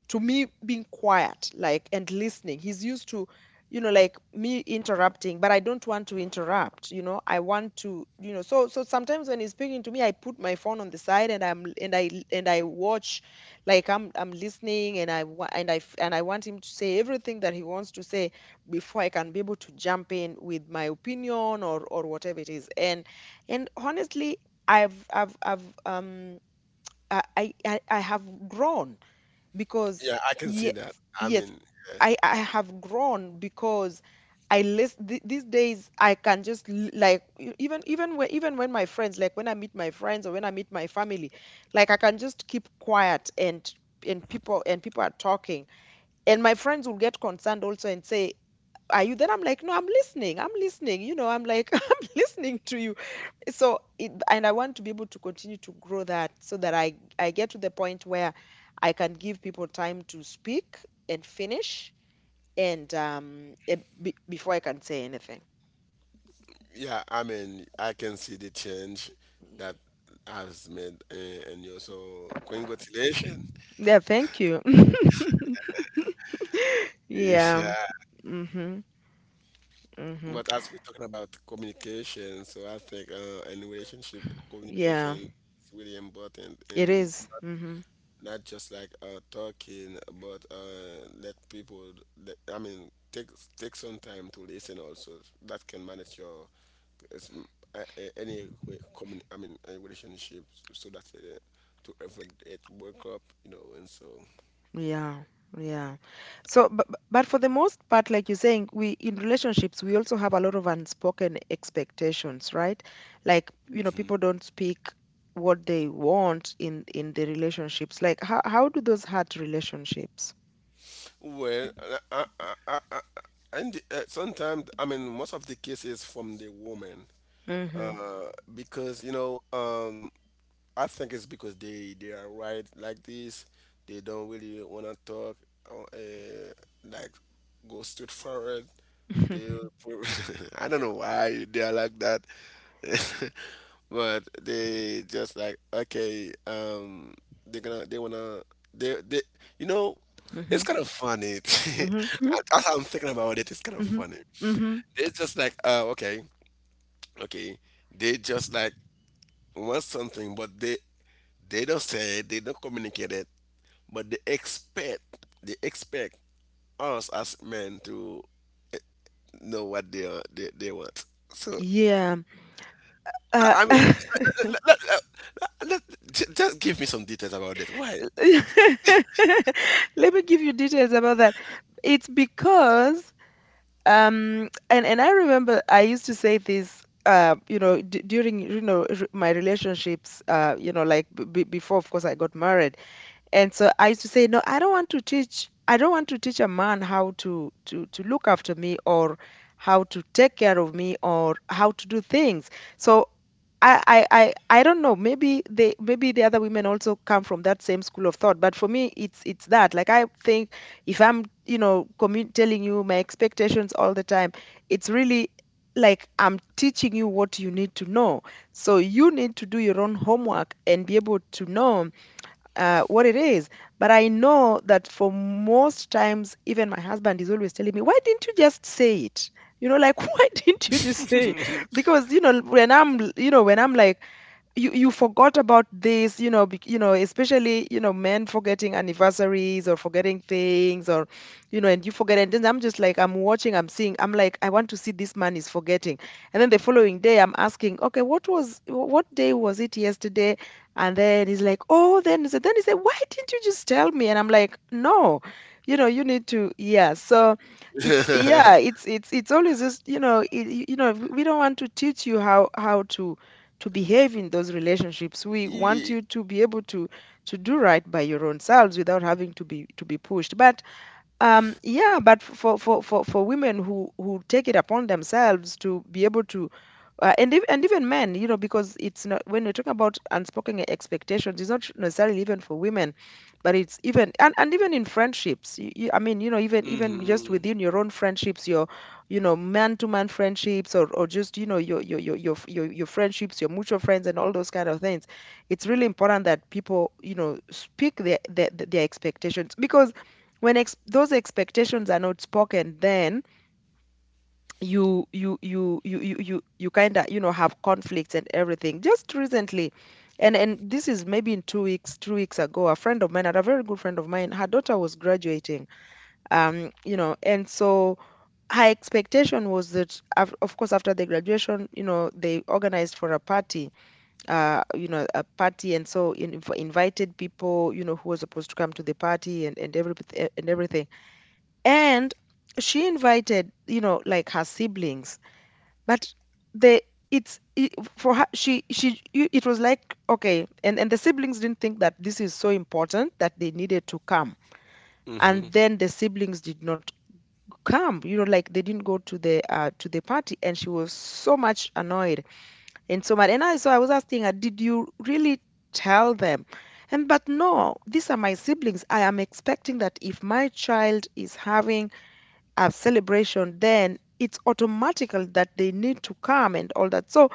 A: me being quiet like and listening. He's used to, you know, like, me interrupting, but I don't want to interrupt, you know. I want to, you know, so so sometimes when he's speaking to me, I put my phone on the side, and I watch. Like I'm listening, and I wa- and I f- and I want him to say everything that he wants to say before I can be able to jump in with my opinion or whatever it is, and honestly, I've I have grown because
B: I can see
A: yes,
B: that. I
A: yes,
B: mean,
A: I have grown because these days I can just like e- even even when my friends, like, when I meet my friends or when I meet my family, like, I can just keep quiet, and people, and people are talking, and my friends will get concerned also and say, "Are you?" Then I'm like, "No, I'm listening, I'm listening." You know, I'm like I'm listening to you. So and I want to be able to continue to grow that so that I get to the point where I can give people time to speak and finish and before I can say anything.
B: yeah, I mean, I can see the change that has made, and you. So, congratulations.
A: Yeah, thank you.
B: Yes.
A: Yeah.
B: Yeah.
A: Mhm. Mhm.
B: But as we're talking about communication, so I think in relationship,
A: Yeah.
B: communication is really important.
A: It
B: And
A: is. Mhm.
B: not just like talking, but let people. Let, I mean, take, take some time to listen also. That can manage your, it's, any way, I mean, a relationship, so that to avoid it break up, you know, and so.
A: Yeah, yeah. So, but for the most part, like you're saying, we in relationships, we also have a lot of unspoken expectations, right? Like, you know, people don't speak what they want in the relationships. Like, how do those hurt relationships?
B: Well, I, I, I, I, and sometimes, I mean, most of the cases from the woman,
A: Mm-hmm.
B: uh, because, you know, I think it's because they are right like this. They don't really want to talk or, like, go straight forward. They pro- I don't know why they are like that. But they just like, okay, they're gonna, they wanna, they you know, it's
A: Mm-hmm.
B: kind of funny.
A: Mm-hmm.
B: As I'm thinking about it, it's kind of
A: Mm-hmm.
B: funny.
A: Mm-hmm.
B: They're just like, okay, okay, they just like want something, but they don't say it, they don't communicate it, but they expect, they expect us as men to eh, know what they are, they want. So
A: Yeah. Uh,
B: I mean, let, let, let, just give me some details about that. Why?
A: Let me give you details about that. It's because and I remember I used to say this you know, during, you know, my relationships, you know, like, before, of course, I got married. And so I used to say no, I don't want to teach, I don't want to teach a man how to look after me or how to take care of me or how to do things. So I, I, I I don't know. Maybe they, maybe the other women also come from that same school of thought. But for me, it's that. Like I think if I'm, you know, telling you my expectations all the time, it's really, like, I'm teaching you what you need to know. So you need to do your own homework and be able to know what it is. But I know that for most times, even my husband is always telling me, "Why didn't you just say it?" You know, like, why didn't you just say it? Because, you know, when I'm like, you forgot about this, you know, especially men forgetting anniversaries or forgetting things, or you know, and you forget. And then I'm just like, I'm watching, I'm seeing, I'm like, I want to see, this man is forgetting. And then the following day I'm asking, okay, what was what day was it yesterday? And then he's like, oh, then so then he said, why didn't you just tell me? And I'm like, no, you know, you need to, yeah. So it's, yeah, it's always just, you know, we don't want to teach you how to behave in those relationships. We want
B: Ye-
A: you to be able to do right by your own selves without having to be pushed. But yeah, but for women who take it upon themselves to be able to and if, and even men, you know, because it's not, when we're talking about unspoken expectations, it's not necessarily even for women, but it's even, and even in friendships, you, I mean, you know, even even just
B: hmm,
A: within your own friendships, you know, man to man friendships, or just, you know, your friendships, your mutual friends, and all those kind of things. It's really important that people, you know, speak their their expectations, because when those expectations are not spoken, then you kind of, you know, have conflicts and everything. Just recently, and this is maybe in 2 weeks ago, a friend of mine, and a very good friend of mine, her daughter was graduating. Um, you know, and so her expectation was that of course after the graduation, you know, they organized for a party, uh, you know, a party. And so invited people, you know, who were supposed to come to the party, and every and everything. And she invited, you know, like her siblings, but the, it's it, for her, it was like, okay, and the siblings didn't think that this is so important that they needed to come.
B: hmm,
A: And then the siblings did not come. You know, like, they didn't go to the party, and she was so much annoyed. And so much. And I, so I was asking her, did you really tell them? And, but no, these are my siblings. I am expecting that if my child is having a celebration, then it's automatical that they need to come, and all that. So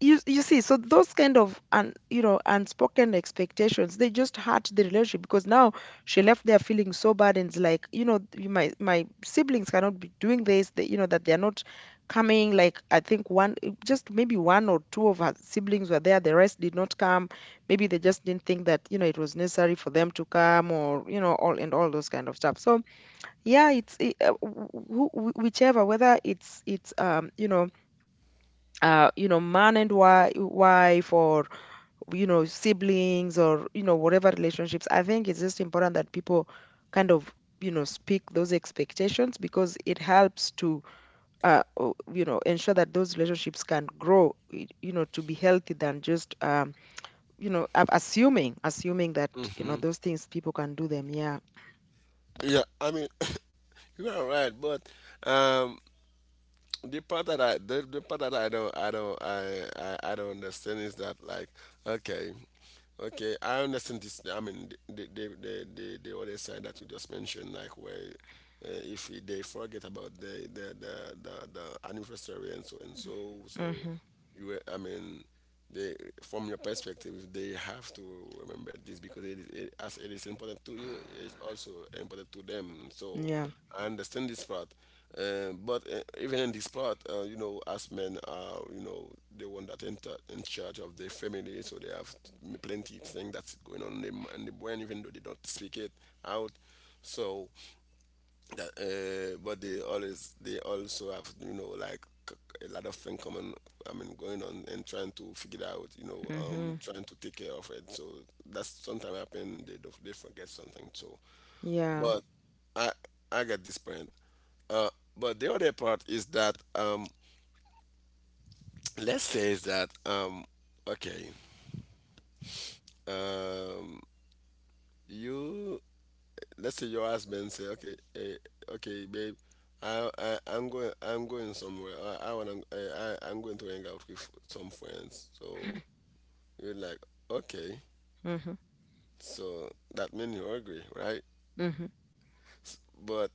A: you see, so those kind of you know, unspoken expectations, they just hurt the relationship, because now she left there feeling so bad. And it's like, you know, my my siblings cannot be doing this. They, you know, that they're not coming. Like, I think one, just maybe one or two of her siblings were there. The rest did not come. Maybe they just didn't think that, you know, it was necessary for them to come, or, you know, all and all those kind of stuff. So yeah, it's it, whichever, whether it's um, you know, you know, man and wife, or you know, siblings, or you know, whatever relationships. I think it's just important that people kind of, you know, speak those expectations, because it helps to you know, ensure that those relationships can grow you know, to be healthy than just you know, assuming assuming that, you know,
B: hmm.
A: those things people can do them. Yeah.
B: Yeah, I mean, you are right, but um, the part that I, the part that I don't, I don't understand is that, like, okay, okay, I understand this, I mean the the other side that you just mentioned, like where if they forget about the, the anniversary and so so,
A: Mm-hmm.
B: I mean they, from your perspective, they have to remember this because it is, it, as it is important to you, it's also important to them. So
A: Yeah.
B: I understand this part. But even in this part, you know, as men are, you know, the one that in, in charge of their family, so they have plenty of things that's going on in the brain, even though they don't speak it out. So but they always, they also have, you know, like, a lot of things coming, I mean, going on and trying to figure it out, you know,
A: Mm-hmm.
B: trying to take care of it. So that's sometimes happen, they don't- they forget something too.
A: Yeah.
B: But i I get this point. uh but the other part is that let's say is that okay, um you let's say your husband say, "Okay, okay, babe, I, I'm going, somewhere. I, I'm going to hang out with some friends." So you're like, "Okay."
A: Mm-hmm.
B: So that means you agree, right?
A: Mm-hmm.
B: S- But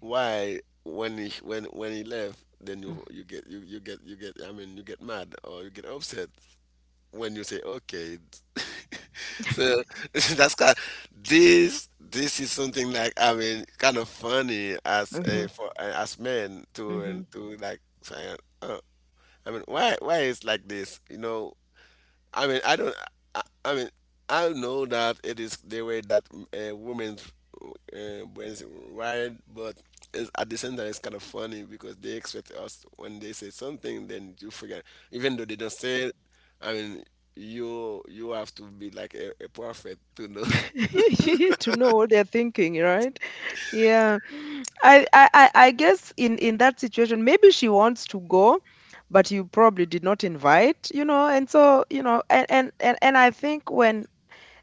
B: why when he, when he left, then you, you get, you get, I mean, you get mad, or you get upset when you say okay? So that's kind, this is something like, I mean, kind of funny as
A: Mm-hmm.
B: a, for as men, to
A: Mm-hmm.
B: and to, like, saying, oh, I mean, why is like this, you know? I mean, I don't. I mean, I know that it is the way that women's brains wired, but it's, at the same time, it's kind of funny because they expect us, when they say something, then you forget, even though they don't say it. I mean, you have to be like a prophet to know.
A: To know what they're thinking, right? Yeah, I I guess in that situation, maybe she wants to go, but you probably did not invite, you know, and so you know, and and I think when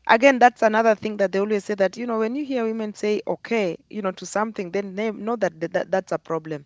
A: again, that's another thing that they always say, that you know, when you hear women say okay, you know, to something, then they know that, that's a problem.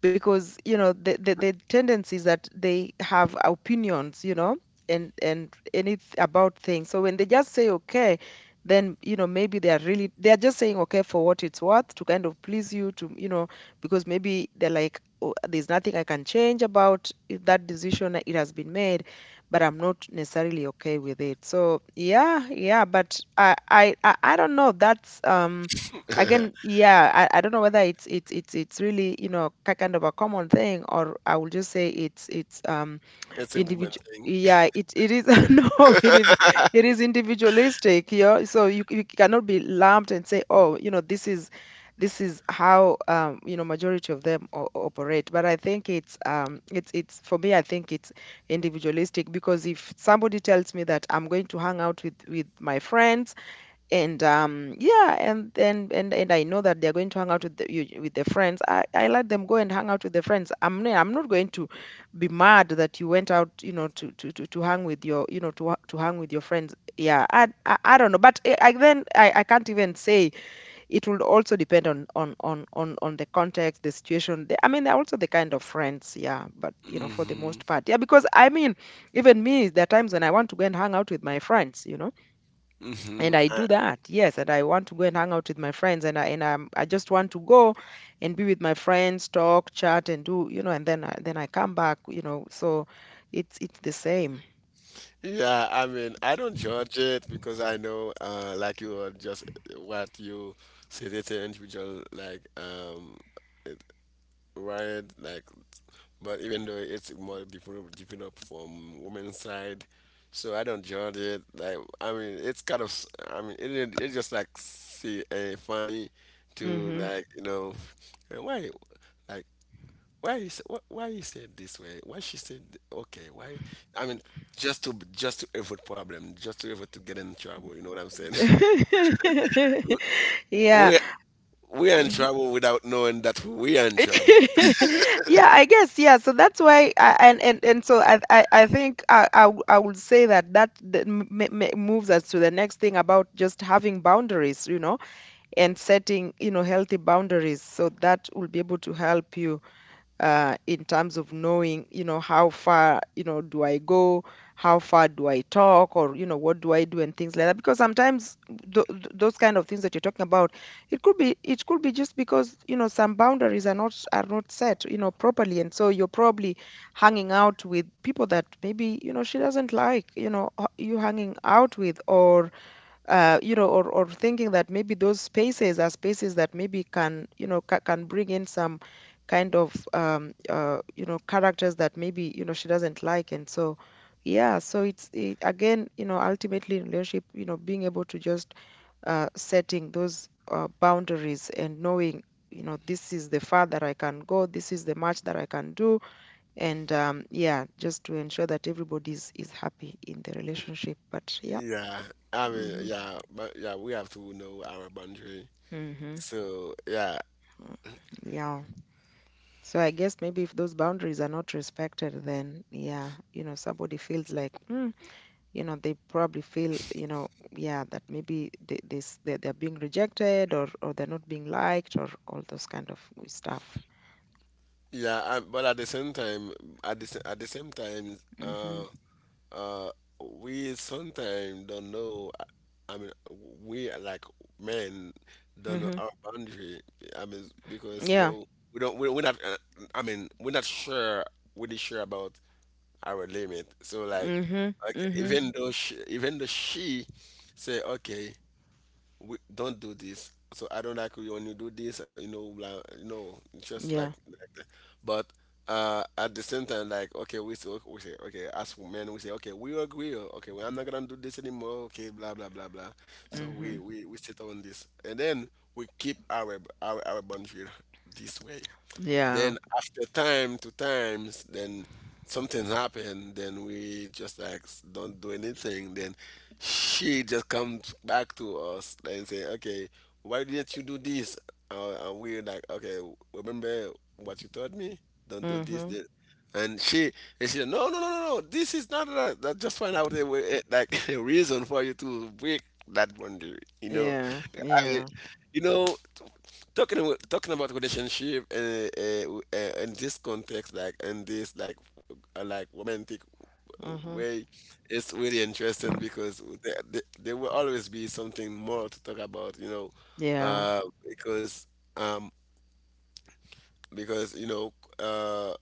A: Because you know, the tendency is that they have opinions, you know, and any about things. So when they just say okay, then you know, maybe they are really, they are just saying okay for what it's worth, to kind of please you, to you know, because maybe they're like, oh, there's nothing I can change about that decision, it has been made, but I'm not necessarily okay with it. So yeah, yeah, but I don't know. That's um, again, yeah, I don't know whether it's really, you know, kind of a common thing, or I will just say it's um,
B: It's a woman
A: individual.
B: thing.
A: Yeah, it is. No, it is, it is individualistic. Yeah, so you cannot be lumped and say, oh, you know, this is, this is how you know, majority of them operate. But I think it's um, it's for me, I think it's individualistic. Because if somebody tells me that I'm going to hang out with my friends, and, yeah, and and I know that they're going to hang out with the, you, with their friends. I let them go and hang out with their friends. I'm not going to be mad that you went out, you know, to to hang with your, you know, to to hang with your friends. Yeah, I don't know, but I then I can't even say. It will also depend on on the context, the situation. The, I mean, they're also the kind of friends, yeah. But you know, for the
B: Hmm,
A: most part, yeah, because I mean, even me, there are times when I want to go and hang out with my friends, you know,
B: hmm.
A: and I do that. Yes, and I want to go and hang out with my friends, and I and I'm, I just want to go and be with my friends, talk, chat and do, you know, and then I come back, you know. So it's the same.
B: Yeah, I mean, I don't judge it because I know, like you are just what you said, it's an individual, like, it, right? Like, but even though it's more different, developed from women's side, so I don't judge it. Like, I mean, it's kind of, I mean, it, it's just like see, funny to,
A: Hmm.
B: like, you know, why, like, why you say, why you say it this way? Why she said okay? Why? I mean, just to, just to avoid problem, just to avoid to get in trouble. You know what I'm saying?
A: Yeah.
B: we we are in
A: Mhm.
B: trouble without knowing that we are in trouble.
A: Yeah, I guess. Yeah. So that's why I, and so I, I think I would say that that moves us to the next thing about just having boundaries, you know, and setting, you know, healthy boundaries, so that will be able to help you in terms of knowing, you know, how far, you know, do I go, how far do I talk, or you know, what do I do, and things like that. Because sometimes those kind of things that you're talking about, it could be, it could be just because, you know, some boundaries are not set, you know, properly. And so you're probably hanging out with people that, maybe, you know, she doesn't like, you know, you hanging out with, or you know, or thinking that maybe those spaces are spaces that maybe can, you know, can bring in some kind of, you know, characters that maybe, you know, she doesn't like. And so, yeah, so it's, it, again, you know, ultimately in relationship, you know, being able to just setting those boundaries, and knowing, you know, this is the far that I can go, this is the much that I can do. And yeah, just to ensure that everybody is happy in the relationship. But yeah.
B: Yeah, I mean,
A: Hmm.
B: yeah, but yeah, we have to know our boundary.
A: Hmm.
B: So yeah,
A: Yeah. So I guess maybe if those boundaries are not respected, then yeah, you know, somebody feels like, mm, you know, they probably feel, you know, yeah, that maybe they, this they're being rejected, or they're not being liked, or all those kind of stuff.
B: yeah, I, but at the same time, at the at the same time,
A: Mm-hmm.
B: uh we sometimes don't know, I mean, we are like men don't know
A: Mm-hmm.
B: our boundary, I mean, because, you
A: Yeah.
B: know, we're not, I mean, we're not sure, really sure about our limit. So like,
A: Mm-hmm.
B: okay,
A: Mm-hmm.
B: even though she, even though she say okay, we don't do this. So I don't like when you do this. You know, blah, you know, just
A: Yeah.
B: like that. But at the same time, like, okay, we say, okay, as men, we say, okay, we agree. Oh, Okay, well, I'm not gonna do this anymore. Okay, blah blah blah blah. So
A: Mm-hmm.
B: we sit on this, and then we keep our our boundary this way.
A: Yeah.
B: Then after time to times, then something happened. Then we just like, don't do anything. Then she just comes back to us and say, "Okay, why didn't you do this?" And we're like, "Okay, remember what you told me? Don't do this."
A: Mm-hmm.
B: Then. And she, said, "No, no, no, no, no. This is not that." That just find out a way, like, a reason for you to break that boundary.
A: Yeah.
B: I mean,
A: Yeah.
B: you know, talking about relationship in this context like in this like romantic
A: Mm-hmm.
B: way. It's really interesting because there will always be something more to talk about.
A: Yeah.
B: Uh, because um because you know uh,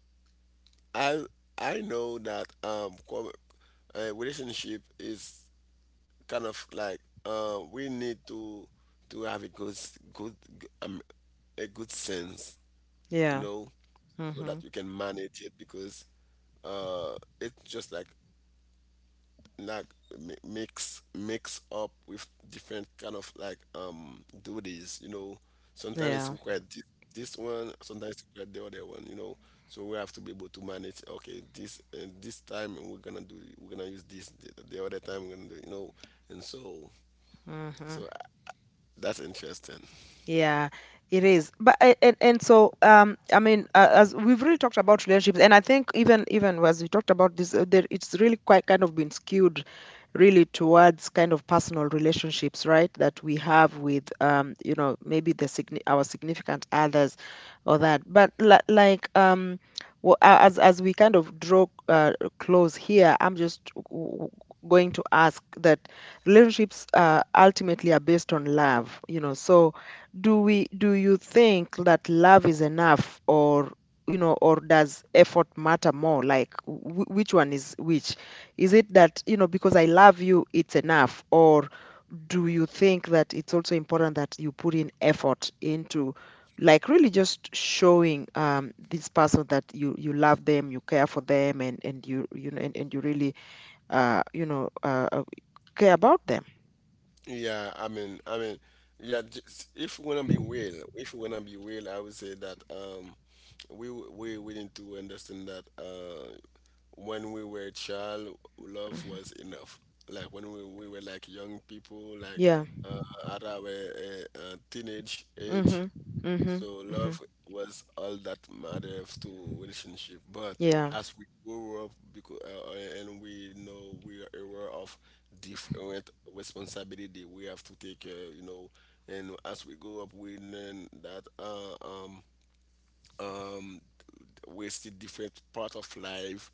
B: I I know that a relationship is kind of like we need to have a good a good sense you
A: Yeah.
B: know, so
A: Mm-hmm.
B: that you can manage it because uh, it's just like mix up with different kind of like duties. You know. Sometimes it's
A: Yeah.
B: required this, one, sometimes it's required the other one. So we have to be able to manage. Okay, this time we're gonna use this. The other time we're gonna do. And
A: Mm-hmm.
B: so uh, that's interesting.
A: Yeah, it is. But and so I mean, as we've really talked about relationships, and I think even even as we talked about this, there, it's really quite kind of been skewed, really towards kind of personal relationships, right? That we have with you know, maybe the our significant others, or that. But like um, well, as we kind of draw close here, I'm just going to ask that relationships ultimately are based on love, you know. So, do you think that love is enough, or you know, or does effort matter more? Like, which one is which? Is it that, you know, because I love you, it's enough, or do you think that it's also important that you put in effort into? Like, really just showing this person that you love them, you care for them, and you know, and you really uh, you know, care about them.
B: Yeah, I mean, yeah. Just, if we wanna be real, if we wanna be real, I would say that we need to understand that when we were a child, love was enough. Like when we were like young people, like
A: Yeah.
B: at our teenage
A: Mhm.
B: age,
A: Mhm.
B: so
A: Mhm.
B: love was all that mattered to relationship. But
A: Yeah.
B: as we grow up, because and we know we are aware of different responsibility we have to take. And as we grow up, we learn that um um we see different part of life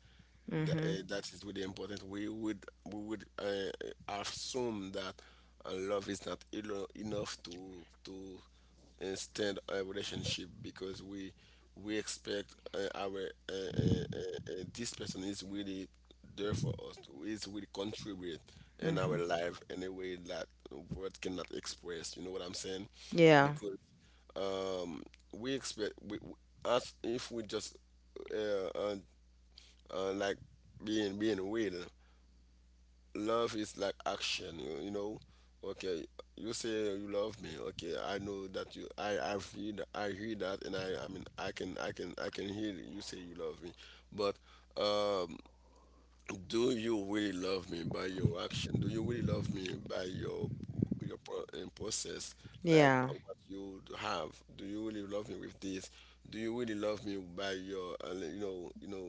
A: Mhm.
B: that is really important. We would assume that love is not enough to stand a relationship because we expect our this person is really there for us, is really contribute in
A: Mhm.
B: our life in a way that words cannot express. You know what I'm saying?
A: Yeah.
B: Because um we expect us if we just uh, uh, like being real. Love is like action, you know okay, you say you love me. Okay, I I hear that, and I mean I can hear you say you love me. But um do you really love me by your action? Do you really love me by your process, like
A: Yeah.
B: what you have? Do you really love me with this? Do you really love me by your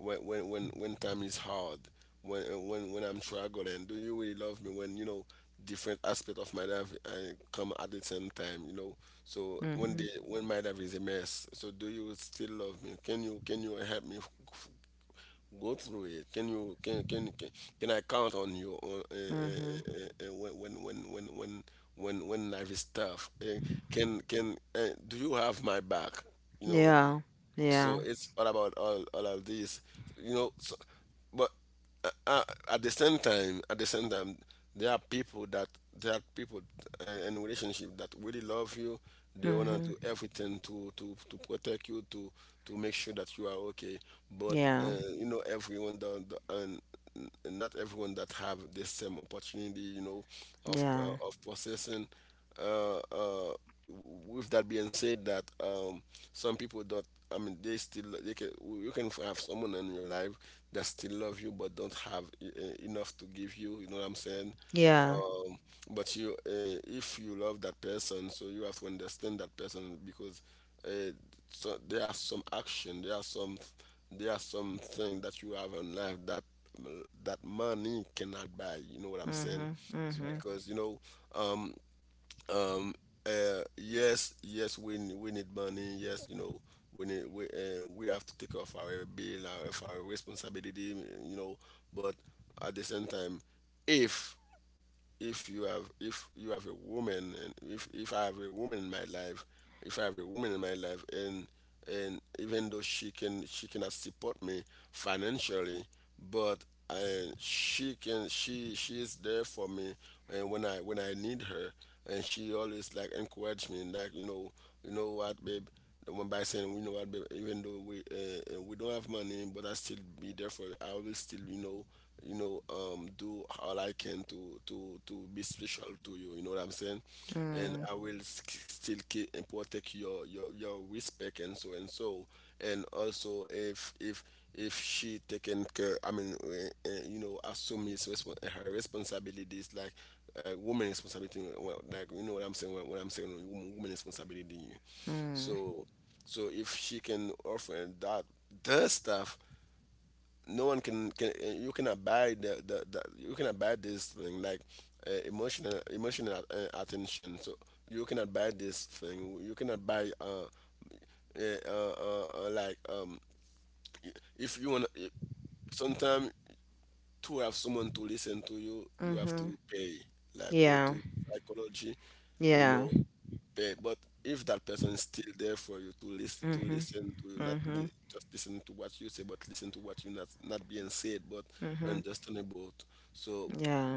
B: when time is hard, when I'm struggling? Do you really love me when you know different aspect of my life come at the same time? So
A: Mhm.
B: when my life is a mess, so do you still love me? Can you help me go through it. Can you Can I count on you on,
A: Mhm.
B: when life is tough? Can Do you have my back? You know,
A: Yeah. Yeah.
B: so it's all about all of this you know so, but uh, uh, at the same time at the same time, there are people that there are people in relationship that really love you. They want to
A: Mhm.
B: do everything to protect you to make sure that you are okay. But
A: Yeah.
B: you know everyone don't, and not everyone that have the same opportunity,
A: Yeah.
B: of processing. uh, uh, with that being said, that some people don't. I mean, they can. You can have someone in your life that still love you but don't have enough to give you. You know what I'm saying?
A: Yeah.
B: um, but you if you love that person, so you have to understand that person, because uh, so there are some action there are some thing that you have in life that money cannot buy. You know what I'm
A: Mhm.
B: saying? So
A: Mhm.
B: because um um yes, we need money, yes. we need we We have to take off our bill, of our responsibility, you know but at the same time, if you have a woman, and if I have a woman in my life, if I have a woman in my life, and even though she cannot support me financially, but I, she can she is there for me, and when I need her, and she always like encourage me, and like you know what, babe, one by saying, we know what, babe, even though we don't have money, but I still be there for I will still, do all I can to be special to you. You know what I'm saying? And
A: Mm.
B: I will still keep and protect your respect, and so and so. And also, if if she taken care, I mean, assume his respon her responsibilities, like woman responsibility. Well, like you know what I'm saying. What I'm saying, woman responsibility.
A: Mhm.
B: So, so if she can offer that the stuff, no one can. You cannot buy this thing, like emotional attention. So you cannot buy this thing. You cannot buy like if you want. Sometimes to have someone to listen to you, you have
A: Mhm.
B: to pay, like go
A: Yeah.
B: to psychology, you
A: Yeah.
B: know, pay. But if that person is still there for you to to
A: Mhm.
B: listen to you, not
A: Mhm.
B: just listen to what you say, but listen to what you not being said, but
A: Mhm.
B: understand about. So
A: Yeah.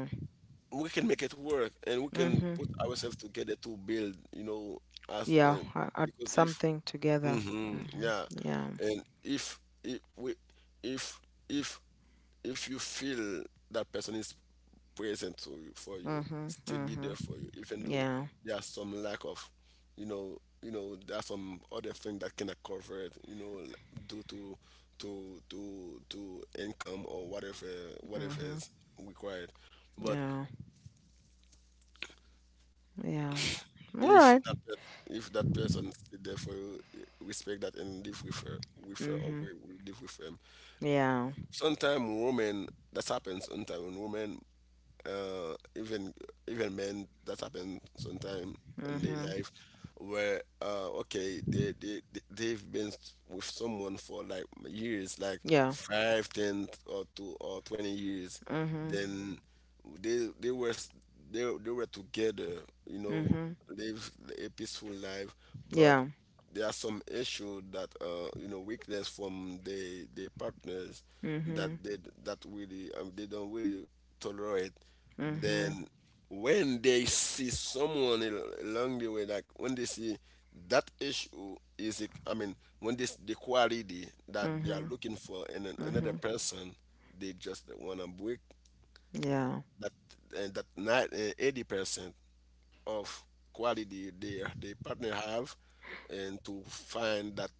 B: we can make it work, and we can put
A: Mm-hmm.
B: ourselves together to build, as
A: Yeah, I,
B: because if
A: something together. Mm-hmm.
B: yeah,
A: Yeah.
B: and if we if if if you feel that person is present to you, for you,
A: Mm-hmm.
B: still be
A: Mm-hmm.
B: there for you, even though
A: Yeah.
B: there's some lack of, there's some other thing that cannot cover it, due to income, or whatever
A: Mm-hmm.
B: is required. But
A: Yeah. Yeah. All right.
B: if that pers- if that person is there for you, respect that and live with her,
A: Mm-hmm.
B: or we live with her.
A: Yeah.
B: Sometimes women, that happens sometimes. Women, uh, even even men, that happens sometimes in their
A: Mm-hmm.
B: life, where okay, they've been with someone for like years, like
A: Yeah.
B: 5, 10, or 2 or 20 years.
A: Mm-hmm.
B: Then they they were s- they were together,
A: Mm-hmm.
B: live a peaceful life, but
A: Yeah.
B: there are some issue that weakness from the partners,
A: Mm-hmm.
B: that they that really they don't really tolerate.
A: Mm-hmm.
B: Then when they see someone along the way, like when they see that issue is I mean, when this the quality that they are
A: Mm-hmm.
B: looking for in another
A: Mm-hmm.
B: person, they just want to break
A: Yeah.
B: that and that 80% of quality their partner have, and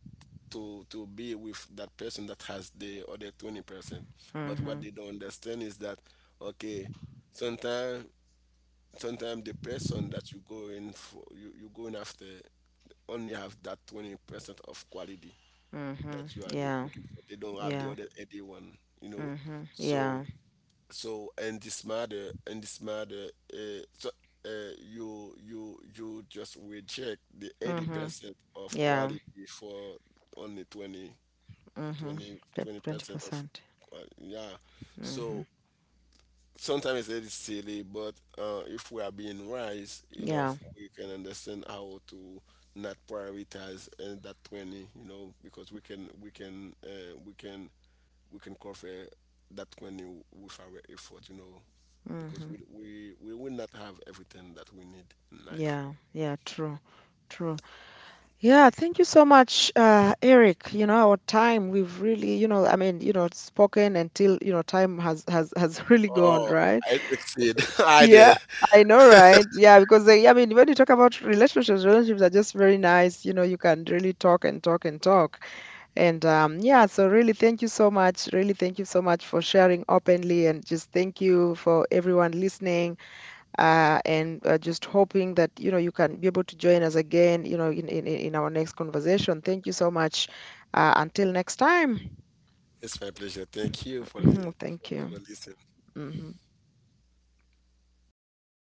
B: to be with that person that has the other 20%. But
A: Mm-hmm.
B: what they don't understand is that, okay, sometimes sometimes the person that you go in for you going after only have that 20% of quality
A: Mm-hmm.
B: that you are
A: Yeah.
B: looking for. They don't have the
A: Yeah.
B: other 81. you know
A: Mm-hmm.
B: so
A: Yeah.
B: in this matter, so uh, you just reject the
A: Mm-hmm.
B: 80% of
A: Yeah.
B: quality for only twenty
A: Mm-hmm.
B: twenty twenty
A: Twenty
B: percent of
A: percent.
B: quality. Yeah,
A: Mm-hmm.
B: so sometimes it is silly, but if we are being wise
A: Yeah.
B: enough, we can understand how to not prioritize and that 20, because we can cover that 20 with our effort, because
A: Mm-hmm.
B: we will not have everything that we need in life.
A: Yeah. Yeah. True. True. Yeah, thank you so much, Eric. You know, our time, we've really, you know, I mean, you know, spoken until, you know, time has has really gone,
B: Oh,
A: right?
B: I succeed. I
A: Yeah,
B: did.
A: I know, right? Yeah, because they, I mean, when you talk about relationships, relationships are just very nice. You know, you can really talk and talk and talk. And yeah, so really, thank you so much. Really, thank you so much for sharing openly, and just thank you for everyone listening and just hoping that you know, you can be able to join us again, you know, in our next conversation. Thank you so much, until next time.
B: It's my pleasure. Thank you for the for
A: Thank you.
B: this listening.
A: Hmm.